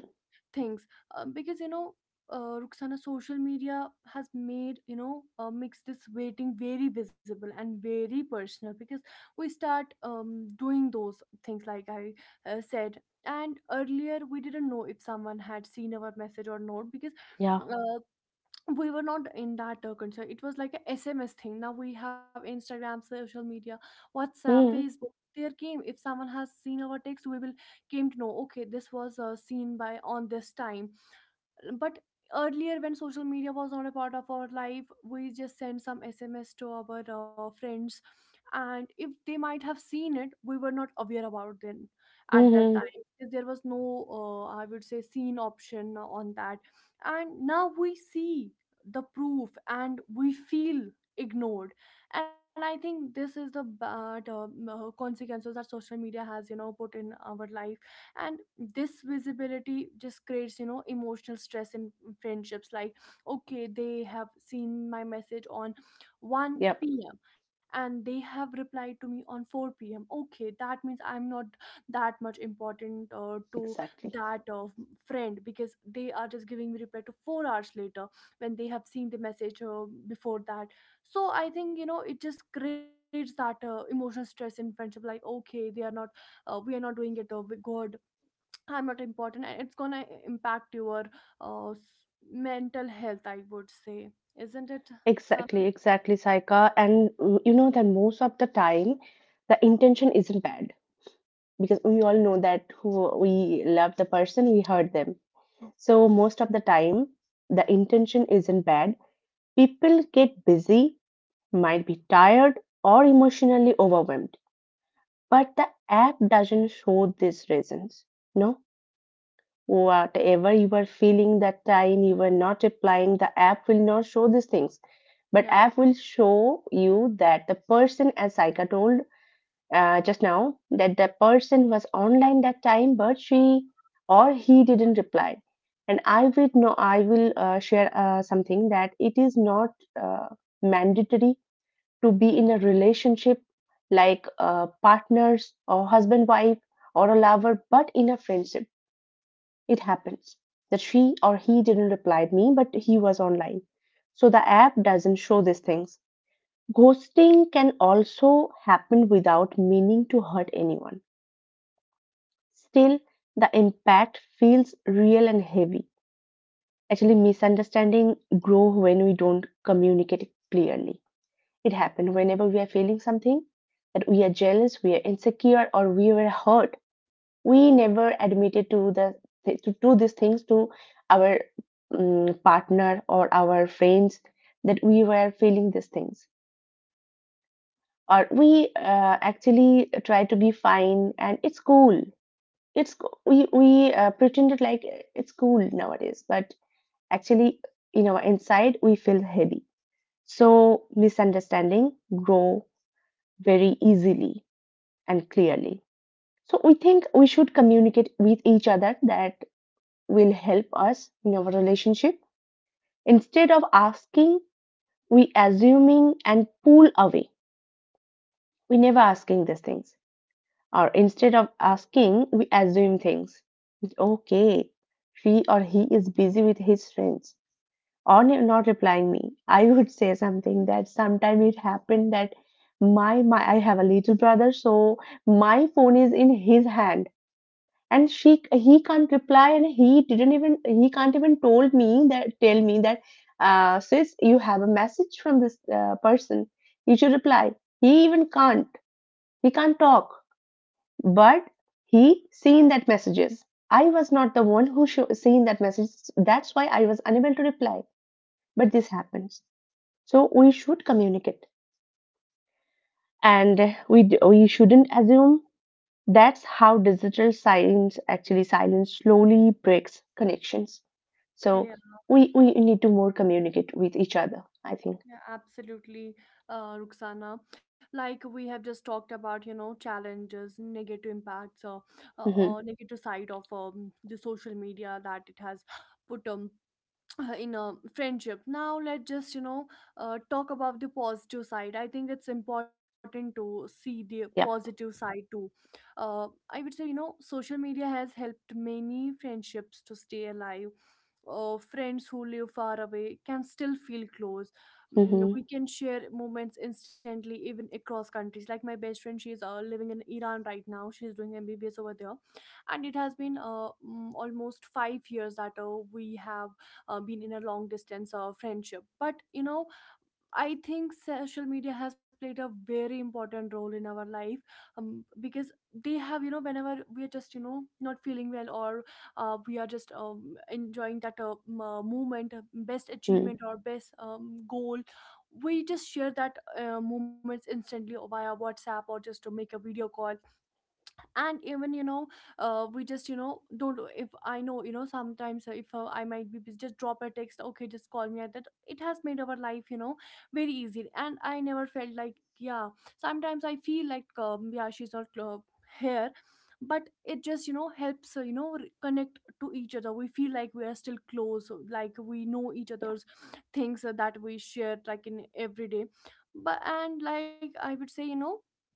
Speaker 1: things. Because, you know, Ruxana, social media has made you know makes this waiting very visible and very personal, because we start doing those things like I said. And earlier we didn't know if someone had seen our message or not, because
Speaker 2: Yeah.
Speaker 1: uh, we were not in that concern. It was like a SMS thing. Now we have Instagram, social media, WhatsApp,
Speaker 2: Mhm.
Speaker 1: Facebook. There came, if someone has seen our text, we will came to know. Okay, this was seen by on this time, but earlier when social media was not a part of our life, we just sent some sms to our friends, and if they might have seen it, we were not aware about them at that
Speaker 2: Mhm.
Speaker 1: time, because there was no I would say seen option on that. And now we see the proof and we feel ignored, and I think this is the bad consequences that social media has, you know, put in our life. And this visibility just creates, you know, emotional stress in friendships. Like, okay, they have seen my message on 1
Speaker 2: Yep.
Speaker 1: p.m and they have replied to me on 4 p.m. Okay, that means I'm not that much important to
Speaker 2: Exactly.
Speaker 1: that friend, because they are just giving me reply to 4 hours later, when they have seen the message before that. So I think, you know, it just creates that emotional stress in friendship. Like, okay, they are not we are not doing it good, I'm not important, and it's gonna impact your uh, s- mental health, I would say. Isn't it,
Speaker 2: Exactly.
Speaker 1: Ruxana?
Speaker 2: Exactly, Saika. And you know that most of the time, the intention isn't bad, because we all know that who we love the person, we hurt them. So most of the time, the intention isn't bad. People get busy, might be tired, or emotionally overwhelmed. But the app doesn't show these reasons. No, whatever you were feeling that time, you were not replying, the app will not show these things. But
Speaker 1: Yeah.
Speaker 2: app will show you that the person, as Saika told just now, that the person was online that time, but she or he didn't reply. And I will share something, that it is not uh, mandatory to be in a relationship like partners or husband wife or a lover, but in a friendship it happens that she or he didn't reply me but he was online. So the app doesn't show these things. Ghosting can also happen without meaning to hurt anyone. Still, the impact feels real and heavy. Actually, misunderstanding grow when we don't communicate clearly. It happens whenever we are feeling something, that we are jealous, we are insecure, or we were hurt. We never admitted to these things to our partner or our friends, that we were feeling these things, or we actually try to be fine and it's cool. We pretended like it's cool nowadays, but actually in our inside we feel heavy. So misunderstanding grow very easily and clearly. So we think we should communicate with each other, that will help us in our relationship. Instead of asking, we assuming and pull away. We never asking these things. Or instead of asking, we assume things. It's okay. She or he is busy with his friends or not replying me. I would say something that sometime it happened that my I have a little brother, so my phone is in his hand and she he can't reply and he can't even told me that tell me that sis, you have a message from this person. You should reply. He even can't, he can't talk, but he seen that messages. I was not the one who sho seen that message, that's why I was unable to reply. But this happens. So we should communicate, and we shouldn't assume. That's how digital silence, actually silence, slowly breaks connections. So
Speaker 1: yeah
Speaker 2: we need to more communicate with each other, I think.
Speaker 1: yeah absolutely, Ruxana. Like we have just talked about, you know, challenges, negative impacts, uh,
Speaker 2: Mm-hmm.
Speaker 1: negative side of the social media that it has put in a friendship. Now let's just, you know, talk about the positive side. I think it's important to see the positive
Speaker 2: Yep.
Speaker 1: side too. I would say, you know, social media has helped many friendships to stay alive. Friends who live far away can still feel close. Mm,
Speaker 2: Mm-hmm.
Speaker 1: we can share moments instantly, even across countries. Like my best friend, she is living in Iran right now. She is doing mbbs over there, and it has been almost 5 years that we have been in a long distance friendship. But you know, I think social media has played a very important role in our life, because they have, you know, whenever we are just, you know, not feeling well, or we are just enjoying that moment, best
Speaker 2: Mm.
Speaker 1: achievement or best goal, we just share that moments instantly via WhatsApp, or just to make a video call. And even, you know, we just, you know, don't if I know, you know, sometimes if I might be busy, just drop a text, okay just call me at that. It has made our life, you know, very easy, and I never felt like, yeah, sometimes I feel like, yeah, she's not here, but it just, you know, helps you know connect to each other. We feel like we are still close, like we know each
Speaker 2: Yeah.
Speaker 1: other's things that we share like in every day. But and like I would say, you know,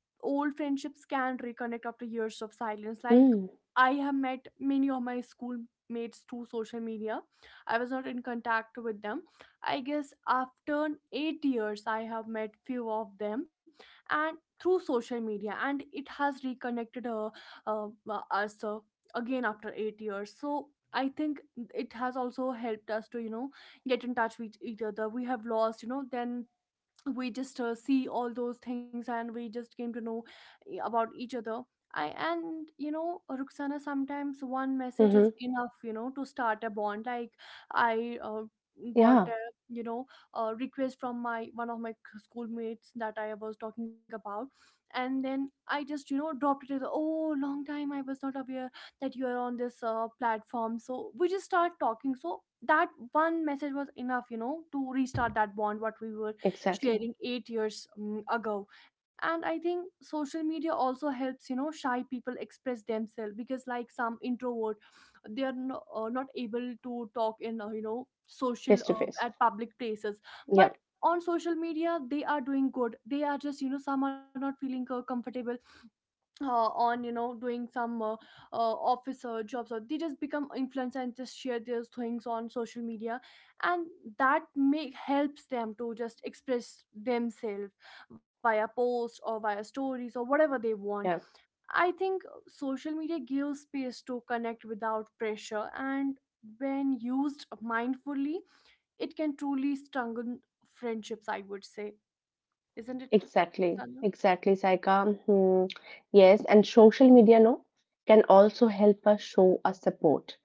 Speaker 1: old friendships can reconnect after years of silence. Like,
Speaker 2: Mm.
Speaker 1: I have met many of my schoolmates through social media. I was not in contact with them. I guess after 8 years I have met few of them, and through social media, and it has reconnected us again after 8 years. So I think it has also helped us to, you know, get in touch with each other. We have lost, you know, then we just see all those things, and we just came to know, eh, about each other. I and you know, Ruxana, sometimes one message is
Speaker 2: Mm-hmm.
Speaker 1: enough, you know, to start a bond. Like, I got
Speaker 2: Yeah,
Speaker 1: a, you know, a request from my one of my schoolmates that I was talking about, and then I just, you know, dropped it as, oh, long time I was not aware that you are on this platform. So we just start talking. So that one message was enough, you know, to restart that bond what we were
Speaker 2: exactly.
Speaker 1: sharing 8 years ago. And I think social media also helps, you know, shy people express themselves, because like some introvert, they are no, not able to talk in you know social
Speaker 2: Face to face.
Speaker 1: at public places. But
Speaker 2: Yep.
Speaker 1: on social media they are doing good. They are just, you know, some are not feeling comfortable on, you know, doing some office jobs, or they just become influencer and just share their things on social media, and that make helps them to just express themselves via post or via stories or whatever they want.
Speaker 2: Yeah.
Speaker 1: I think social media gives space to connect without pressure, and when used mindfully, it can truly strengthen friendships, I would say. Isn't it,
Speaker 2: Exactly.
Speaker 1: Sana?
Speaker 2: Exactly, Saika. Hmm. Yes. And social media, no, can also help us show our support.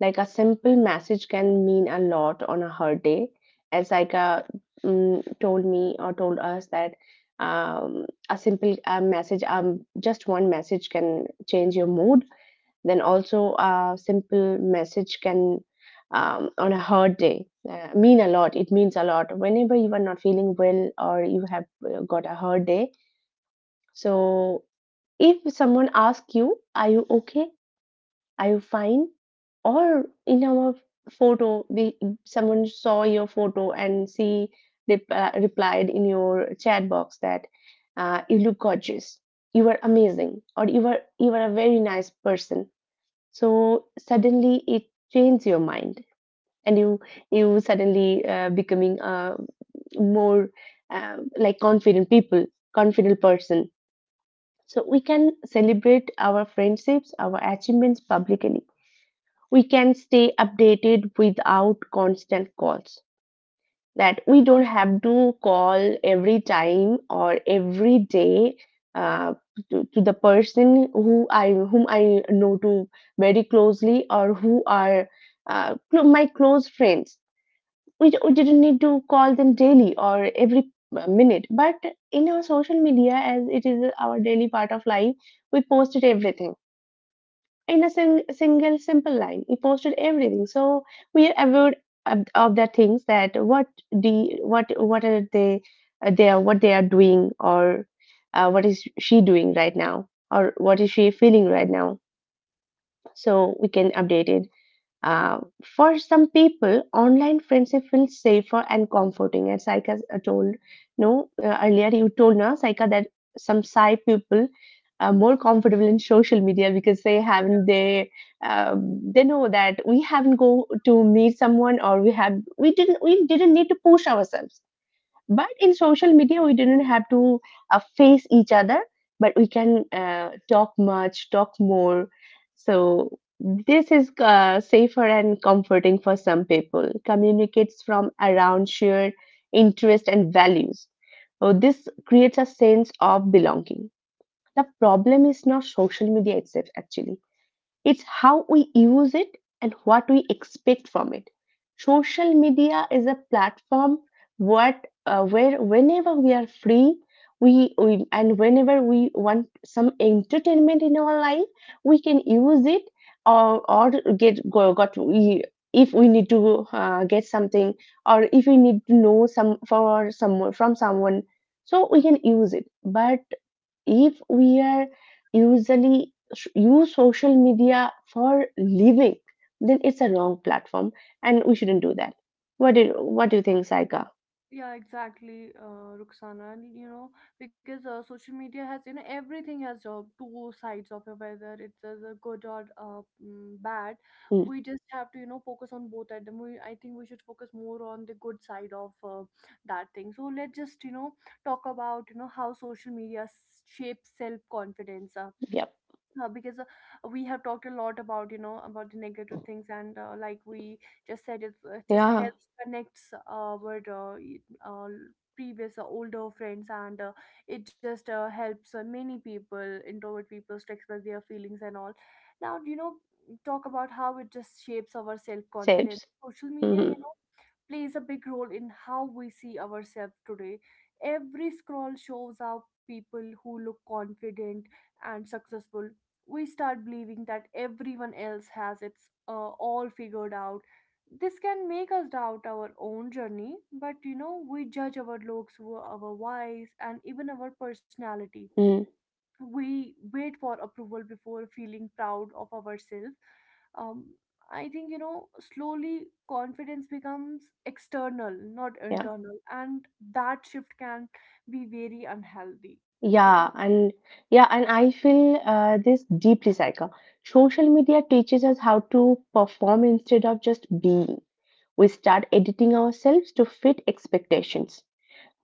Speaker 2: Like a simple message can mean a lot on a her day. As like a told me or told us that a simple message, just one message can change your mood. Then also a simple message can, on a hard day mean a lot. It means a lot whenever you are not feeling well or you have got a hard day. So if someone asks you, "Are you okay? Are you fine?" Or in our photo, we, someone saw your photo and she replied in your chat box that you look gorgeous, you are amazing, or you are a very nice person. So suddenly it changed your mind, and you suddenly becoming a more like confident people, confident person. So we can celebrate our friendships, our achievements publicly, we can stay updated without constant calls, that we don't have to call every time or every day uh, to the person who I whom I know to very closely, or who are my close friends. We didn't need to call them daily or every minute, but in our social media, as it is our daily part of life, we posted everything in a single simple line, he posted everything. So we are aware of the things that what the what are they, they are, what they are doing, or what is she doing right now, or what is she feeling right now. So we can update it. uh, for some people, online friendship feels safer and comforting. As Saika told, no, earlier you told na, Saika, that some Sai people are more comfortable in social media because they know that we haven't go to meet someone, or we didn't, need to push ourselves. But in social media we didn't have to face each other, but we can talk much, talk more. So this is safer and comforting for some people, communicates from around shared interest and values. So this creates a sense of belonging. The problem is not social media itself, actually it's how we use it and what we expect from it. Social media is a platform what where whenever we are free, we and whenever we want some entertainment in our life, we can use it. Or get go, got we if we need to get something, or if we need to know some, for some, from someone, so we can use it. But if we are usually use social media for living, then it's a wrong platform and we shouldn't do that. What do you think, Saika?
Speaker 1: Yeah, exactly, Ruxana. And, you know, because social media has, you know, everything has two sides of it, whether it's as a good or bad.
Speaker 2: Hmm.
Speaker 1: We just have to, you know, focus on both of them. I think we should focus more on the good side of that thing. So let's just, you know, talk about, you know, how social media shapes self confidence.
Speaker 2: Yep.
Speaker 1: Because we have talked a lot about, you know, about the negative things, and like we just said, it just
Speaker 2: Yeah.
Speaker 1: helps connects our previous older friends, and it just helps many people introvert people to express their feelings and all. Now, you know, talk about how it just shapes our self confidence.
Speaker 2: Saves.
Speaker 1: Social media,
Speaker 2: Hmm.
Speaker 1: you know, plays a big role in how we see ourselves today. Every scroll shows out people who look confident and successful. We start believing that everyone else has its all figured out. This can make us doubt our own journey, but you know, we judge our looks, our voice, and even our personality.
Speaker 2: Hmm.
Speaker 1: We wait for approval before feeling proud of ourselves. Um, I think, you know, slowly confidence becomes external, not
Speaker 2: Yeah.
Speaker 1: internal, and that shift can be very unhealthy, isn't it?
Speaker 2: Yeah, and yeah, and I feel this deeply, Saika. Social media teaches us how to perform instead of just being. We start editing ourselves to fit expectations.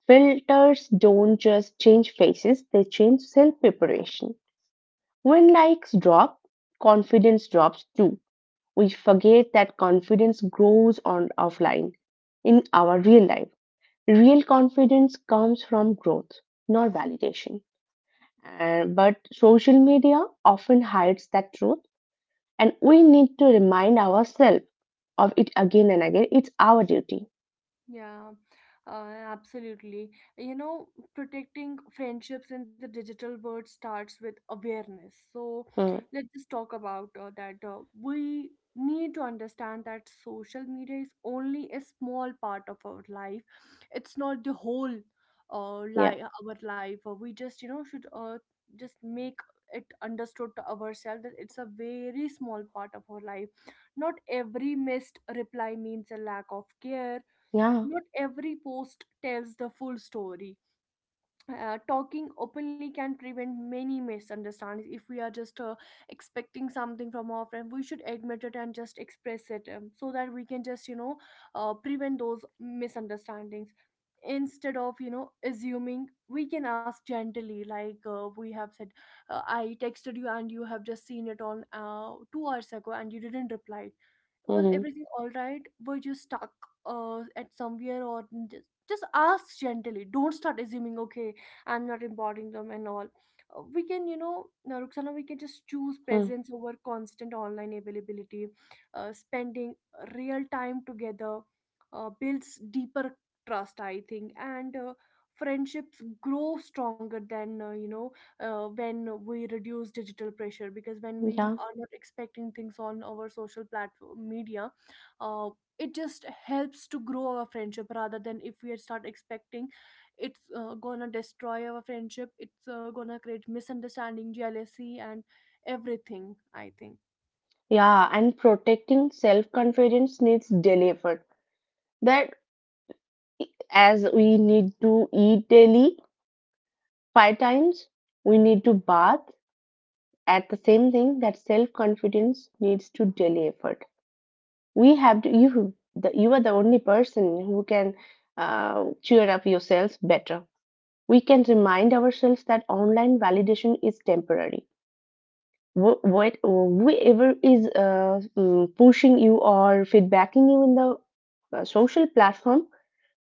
Speaker 2: Filters don't just change faces, they change self preparation. When likes drop, confidence drops too. We forget that confidence grows on offline, in our real life. Real confidence comes from growth, not validation. But social media often hides that truth, and we need to remind ourselves of it again and again. It's our duty.
Speaker 1: Yeah, uh, absolutely. You know, protecting friendships in the digital world starts with awareness. So
Speaker 2: Hmm.
Speaker 1: let's just talk about that. We need to understand that social media is only a small part of our life. It's not the whole
Speaker 2: Yeah.
Speaker 1: our life. We just, you know, should just make it understood to ourselves that it's a very small part of our life. Not every missed reply means a lack of care.
Speaker 2: Yeah.
Speaker 1: Not every post tells the full story. Talking openly can prevent many misunderstandings. If we are just expecting something from our friend, we should admit it and just express it, so that we can just prevent those misunderstandings. Instead of assuming, we can ask gently, like we have said, I texted you and you have just seen it on 2 hours ago and you didn't reply. Was
Speaker 2: Hmm.
Speaker 1: everything all right? Were you stuck at somewhere? Or just ask gently. Don't start assuming, okay? I'm not importing them and all. We can Ruxana, we can just choose
Speaker 2: Hmm.
Speaker 1: presence over constant online availability. Spending real time together builds deeper trust, I think, and friendships grow stronger than when we reduce digital pressure, because when we
Speaker 2: Yeah.
Speaker 1: are not expecting things on our social platform media, uh, it just helps to grow our friendship, rather than if we start expecting, it's gonna destroy our friendship. It's gonna create misunderstanding, jealousy, and everything, I think.
Speaker 2: Yeah, and protecting self confidence needs daily effort. That, as we need to eat daily five times, we need to bath, at the same thing that self confidence needs to daily effort. We have to, you are the only person who can cheer up yourselves better. We can remind ourselves that online validation is temporary. Wh- what Whoever is pushing you or feedbacking you in the social platform,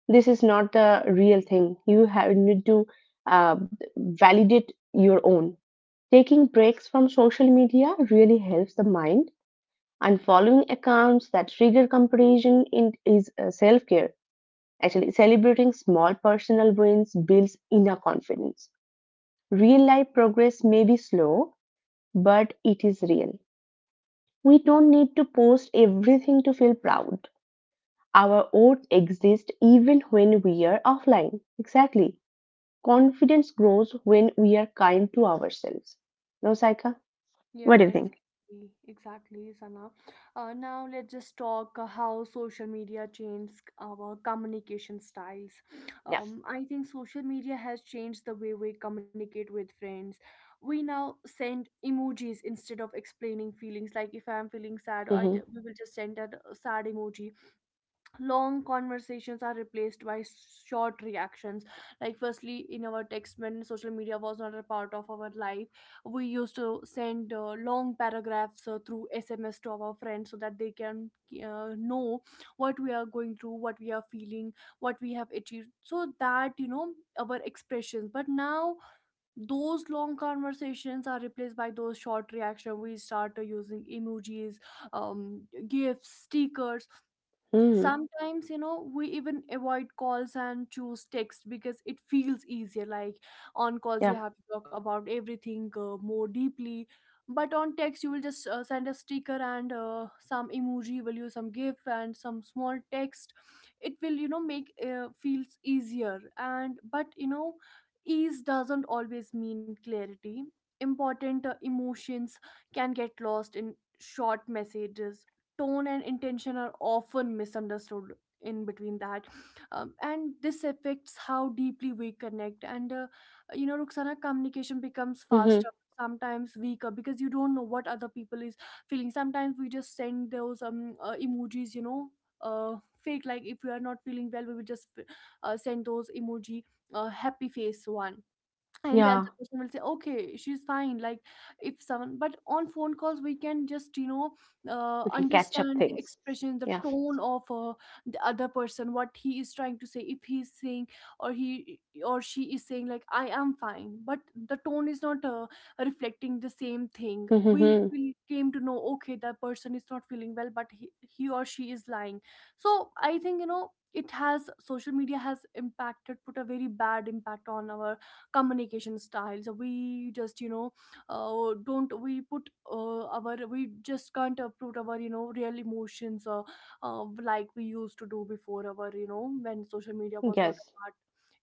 Speaker 2: this is not the real thing. You have need to uh, validate your own. Taking breaks from social media really helps the mind, and following accounts that trigger comparison is self-care actually. Celebrating small personal wins builds inner confidence. Real life progress may be slow, but it is real. We don't need to post everything to feel proud. Our oats exist even when we are offline. Exactly. Confidence grows when we are kind to ourselves. No, Saika? What do
Speaker 1: Yeah,
Speaker 2: you think?
Speaker 1: exactly, exactly, Sana. Now let's just talk how social media changed our communication styles.
Speaker 2: Yeah.
Speaker 1: I think social media has changed the way we communicate with friends. We now send emojis instead of explaining feelings, like if I'm feeling sad,
Speaker 2: Mm-hmm.
Speaker 1: we will just send a sad emoji. Long conversations are replaced by short reactions. Like firstly, in our text, when social media was not a part of our life, we used to send long paragraphs through sms to our friends, so that they can know what we are going through, what we are feeling, what we have achieved, so that our expressions. But now those long conversations are replaced by those short reaction. We start using emojis, um, gifts, stickers.
Speaker 2: Hmm.
Speaker 1: Sometimes, you know, we even avoid calls and choose text because it feels easier. Like on calls,
Speaker 2: Yeah.
Speaker 1: you have to talk about everything more deeply, but on text you will just send a sticker and some emoji, will use some gif and some small text. It will, you know, make feels easier. And but you know, ease doesn't always mean clarity. Important emotions can get lost in short messages. Tone and intention are often misunderstood in between that. And this affects how deeply we connect, and you know, Ruxana, communication becomes
Speaker 2: Hmm.
Speaker 1: faster, sometimes weaker, because you don't know what other people is feeling. Sometimes we just send those emojis, you know, uh fake. Like if we are not feeling well, we will just send those emoji, happy face one, and the
Speaker 2: Yeah.
Speaker 1: other person will say, okay, she's fine. Like if someone, but on phone calls, we can just, you know,
Speaker 2: We can catch up
Speaker 1: understand the
Speaker 2: things.
Speaker 1: expression, the
Speaker 2: Yeah.
Speaker 1: tone of the other person, what he is trying to say. If he's saying, or he or she is saying, like, I am fine, but the tone is not reflecting the same thing, we,
Speaker 2: Mm-hmm.
Speaker 1: we came to know, okay, that person is not feeling well, but he or she is lying. So I think, you know, it has, social media has impacted, put a very bad impact on our communication styles. We just, you know, don't, we put our, we just can't put our, you know, real emotions, like we used to do before, our, you know, when social media was not a
Speaker 2: Yes.
Speaker 1: part.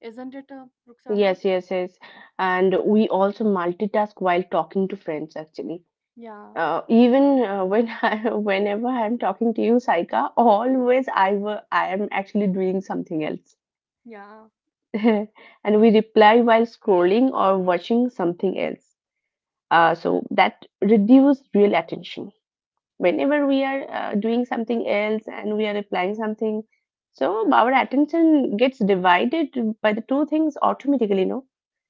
Speaker 1: Isn't it, Ruxana?
Speaker 2: Yes, yes, yes. And we also multitask while talking to friends, actually.
Speaker 1: Yeah,
Speaker 2: Even when whenever I'm talking to you, Saika, always I am actually doing something else,
Speaker 1: yeah.
Speaker 2: and we reply while scrolling or watching something else. So that reduces real attention. Whenever we are doing something else and we are replying something, so our attention gets divided by the two things automatically, no?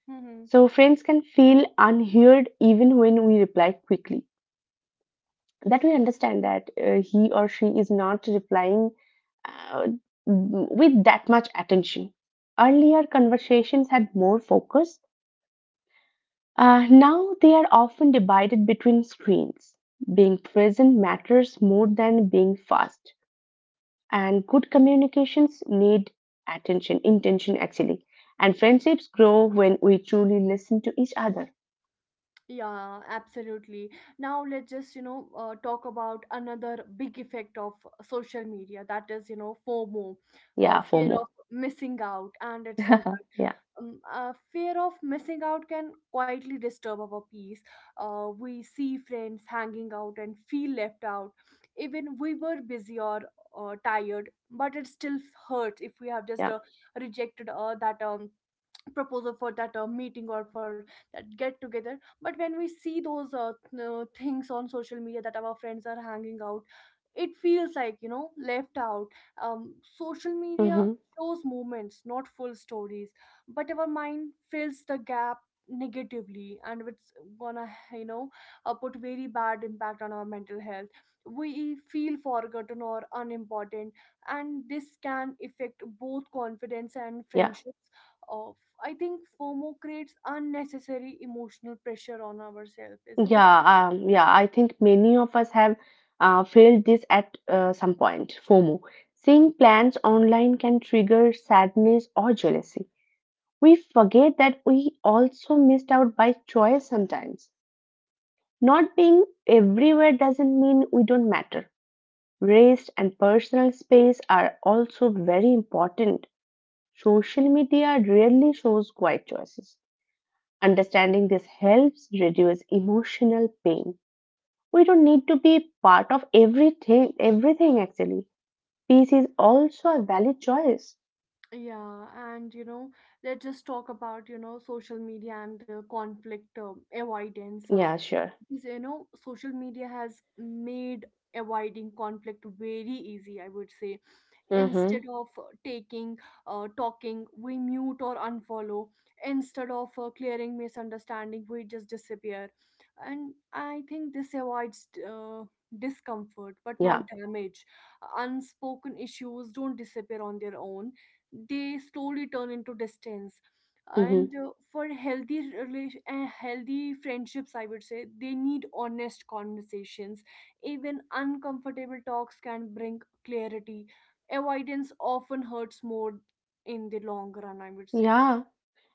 Speaker 1: Hmm.
Speaker 2: So friends can feel unheard even when we reply quickly, that we understand that he or she is not replying uh, with that much attention. Earlier conversations had more focus. Now they are often divided between screens. Being present matters more than being fast, and good communications need attention, intention actually. And friendships grow when we truly listen to each other.
Speaker 1: Yeah, absolutely. Now let's just, you know, talk about another big effect of social media, that is, you know, FOMO,
Speaker 2: Yeah,
Speaker 1: fear
Speaker 2: FOMO.
Speaker 1: of missing out, and its impact.
Speaker 2: Yeah,
Speaker 1: Fear of missing out can quietly disturb our peace. We see friends hanging out and feel left out. Even we were busy or tired, but it still hurts if we have just
Speaker 2: yeah,
Speaker 1: rejected that proposal for that meeting or for that get together. But when we see those things on social media that our friends are hanging out, it feels like, you know, left out. Social media
Speaker 2: hmm,
Speaker 1: shows moments, not full stories, but our mind fills the gap negatively, and it's gonna, you know, put very bad impact on our mental health. We feel forgotten or unimportant, and this can affect both confidence and
Speaker 2: yeah.
Speaker 1: friendships. uh, I think FOMO creates unnecessary emotional pressure on ourselves, isn't it?
Speaker 2: Yeah, yeah, I think many of us have felt this at some point, FOMO. Seeing plans online can trigger sadness or jealousy. We forget that we also missed out by choice sometimes. Not being everywhere doesn't mean we don't matter. Rest and personal space are also very important. Social media rarely shows quiet choices. Understanding this helps reduce emotional pain. We don't need to be part of everything, everything actually. Peace is also a valid choice.
Speaker 1: Yeah, and you know, let's just talk about, you know, social media and conflict avoidance.
Speaker 2: Yeah, sure.
Speaker 1: Because, you know, social media has made avoiding conflict very easy, I would say.
Speaker 2: Mm-hmm.
Speaker 1: Instead of taking talking, we mute or unfollow. Instead of clearing misunderstanding, we just disappear. And I think this avoids discomfort, but not
Speaker 2: Yeah.
Speaker 1: damage. Unspoken issues don't disappear on their own. They slowly turn into distance.
Speaker 2: Mm-hmm.
Speaker 1: And for healthy relation healthy friendships, I would say, they need honest conversations. Even uncomfortable talks can bring clarity. Avoidance often hurts more in the long run, I would say.
Speaker 2: Yeah.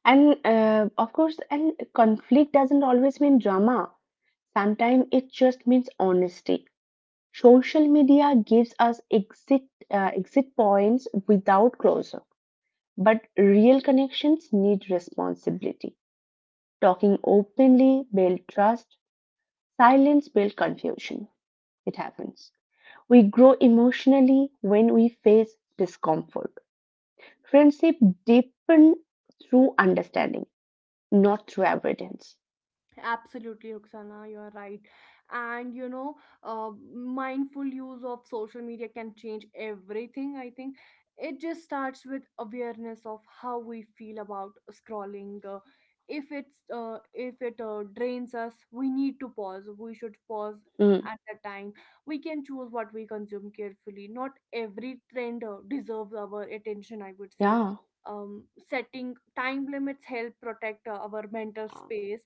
Speaker 2: And of course, and conflict doesn't always mean drama. Sometimes it just means honesty. Social media gives us exit points without closure, but real connections need responsibility. Talking openly build trust. Silence build confusion. It happens. We grow emotionally when we face discomfort. Friendship deepen through understanding, not through avoidance.
Speaker 1: Absolutely, Roxana, you are right. And you know, uh, mindful use of social media can change everything, I think. It just starts with awareness of how we feel about scrolling. If it drains us, we need to pause. We should pause
Speaker 2: Mm,
Speaker 1: at that time. We can choose what we consume carefully. Not every trend deserves our attention, I would say.
Speaker 2: yeah,
Speaker 1: Setting time limits help protect our mental space,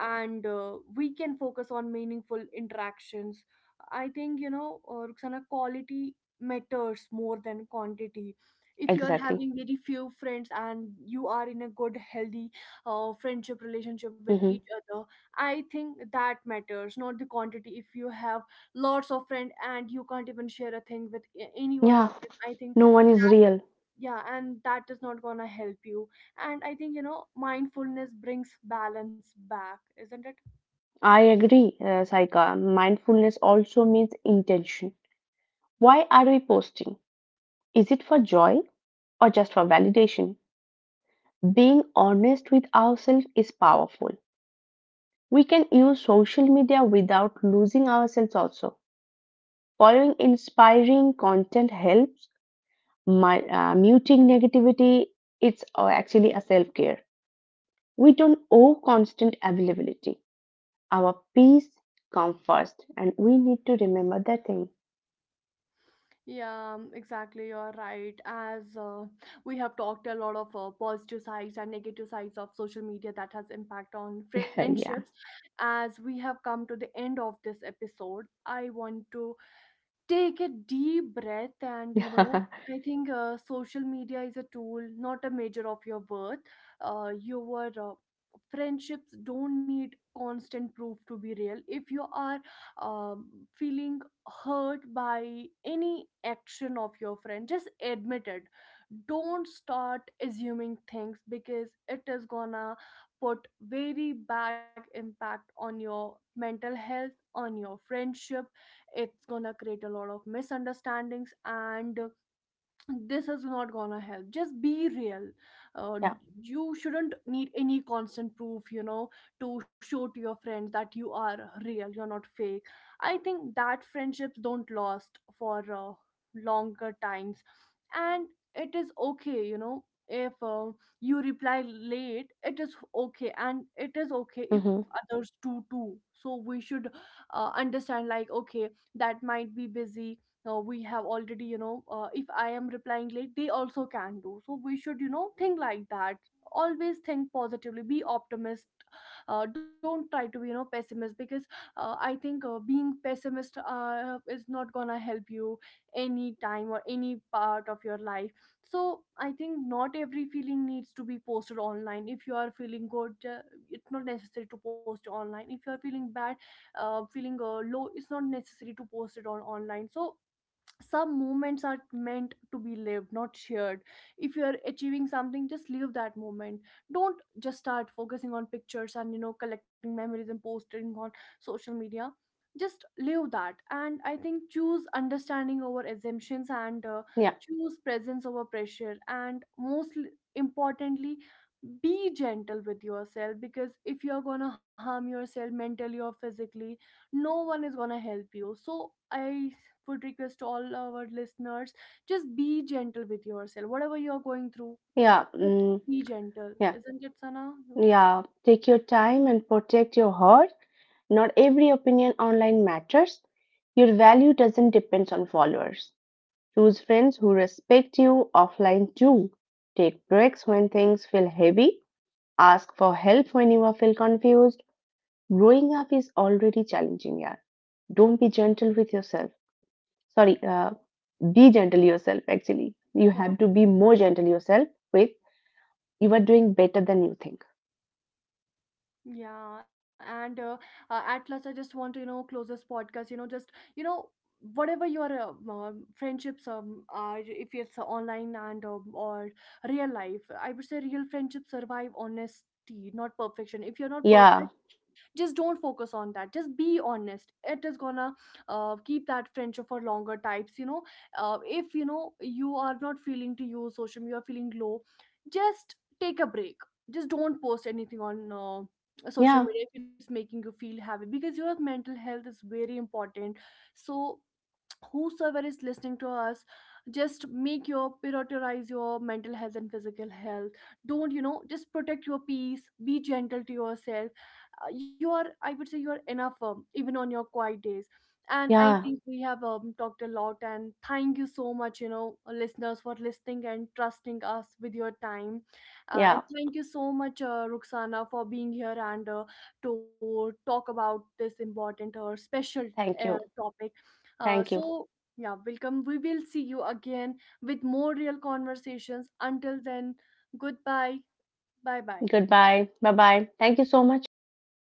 Speaker 1: and we can focus on meaningful interactions. I think, you know, Ruxana, quality matters more than quantity. If you are
Speaker 2: exactly.
Speaker 1: having very few friends and you are in a good healthy friendship relationship with
Speaker 2: Hmm.
Speaker 1: each other, I think that matters, not the quantity. If you have lots of friends and you can't even share a thing with any one
Speaker 2: Yeah,
Speaker 1: of them, I think,
Speaker 2: no one is real.
Speaker 1: yeah, and that is not gonna help you. And I think, you know, mindfulness brings balance back, isn't it?
Speaker 2: I agree, Saika. Mindfulness also means intention. Why are we posting? Is it for joy or just for validation? Being honest with ourselves is powerful. We can use social media without losing ourselves also. Following inspiring content helps my, muting negativity. It's actually a self care. We don't owe constant availability. Our peace comes first, and we need to remember that thing.
Speaker 1: Yeah, exactly, you're right. As we have talked a lot of positive sides and negative sides of social media that has impact on friendships, as we have come to the end of this episode, I want to take a deep breath, and, you know,
Speaker 2: Yeah.
Speaker 1: I think social media is a tool, not a measure of your worth. Your Friendships don't need constant proof to be real. If you are um, feeling hurt by any action of your friend, just admit it. Don't start assuming things, because it is gonna put very bad impact on your mental health, on your friendship. It's gonna create a lot of misunderstandings, and this is not gonna help. Just be real. uh,
Speaker 2: Yeah,
Speaker 1: you shouldn't need any constant proof, you know, to show to your friends that you are real, you're not fake. I think that friendships don't last for longer times. And it is okay, you know, if you reply late, it is okay, and it is okay if
Speaker 2: hmm,
Speaker 1: others do too. So we should understand, like, okay, that might be busy. We have already, you know, if I am replying late, they also can do, so we should, you know, think like that. Always think positively, be optimist. Don't try to be, you know, pessimist, because I think being pessimist is not gonna help you any time or any part of your life. So I think, not every feeling needs to be posted online. If you are feeling good, it's not necessary to post online. If you are feeling bad, feeling low, it's not necessary to post it on online. So some moments are meant to be lived, not shared. If you are achieving something, just live that moment. Don't just start focusing on pictures and, you know, collecting memories and posting on social media. Just live that. And I think, choose understanding over assumptions, and
Speaker 2: yeah,
Speaker 1: choose presence over pressure. And most importantly, be gentle with yourself, because if you're gonna harm yourself mentally or physically, no one is gonna help you. So I would request all our listeners, just be gentle with yourself, whatever you're going through.
Speaker 2: yeah,
Speaker 1: But
Speaker 2: mm,
Speaker 1: be gentle,
Speaker 2: yeah,
Speaker 1: isn't it, Sana? Yeah.
Speaker 2: yeah. Take your time and protect your heart. Not every opinion online matters. Your value doesn't depend on followers. Choose friends who respect you offline too. Take breaks when things feel heavy. Ask for help when you are feel confused. Growing up is already challenging, yeah. Don't be gentle with yourself. Sorry, be gentle yourself actually. You have to be more gentle yourself with, you are doing better than you think.
Speaker 1: Yeah, and at last, I just want to, you know, close this podcast. You know, just, you know, whatever your friendships are, if it's online and or real life, I would say, real friendships survive honesty, not perfection. If you're not
Speaker 2: Yeah,
Speaker 1: perfect, just don't focus on that. Just be honest. It is gonna keep that friendship for longer types. You know, if you know you are not feeling to use social media, you're feeling low, just take a break. Just don't post anything on. Social
Speaker 2: yeah,
Speaker 1: media, if it's making you feel happy, because your mental health is very important. So whosoever is listening to us, just make your, prioritize your mental health and physical health. Don't, you know, just protect your peace, be gentle to yourself. You are, I would say, you are enough, even on your quiet days. And I
Speaker 2: yeah,
Speaker 1: think we have talked a lot, and thank you so much, you know, listeners, for listening and trusting us with your time. And
Speaker 2: yeah.
Speaker 1: thank you so much, Ruxana, for being here, and to talk about this important or special
Speaker 2: Thank you.
Speaker 1: topic.
Speaker 2: Thank you.
Speaker 1: So, yeah, welcome. We will see you again with more real conversations. Until then, goodbye. Bye bye.
Speaker 2: Goodbye. Bye bye. Thank you so much. Thank you, Sai.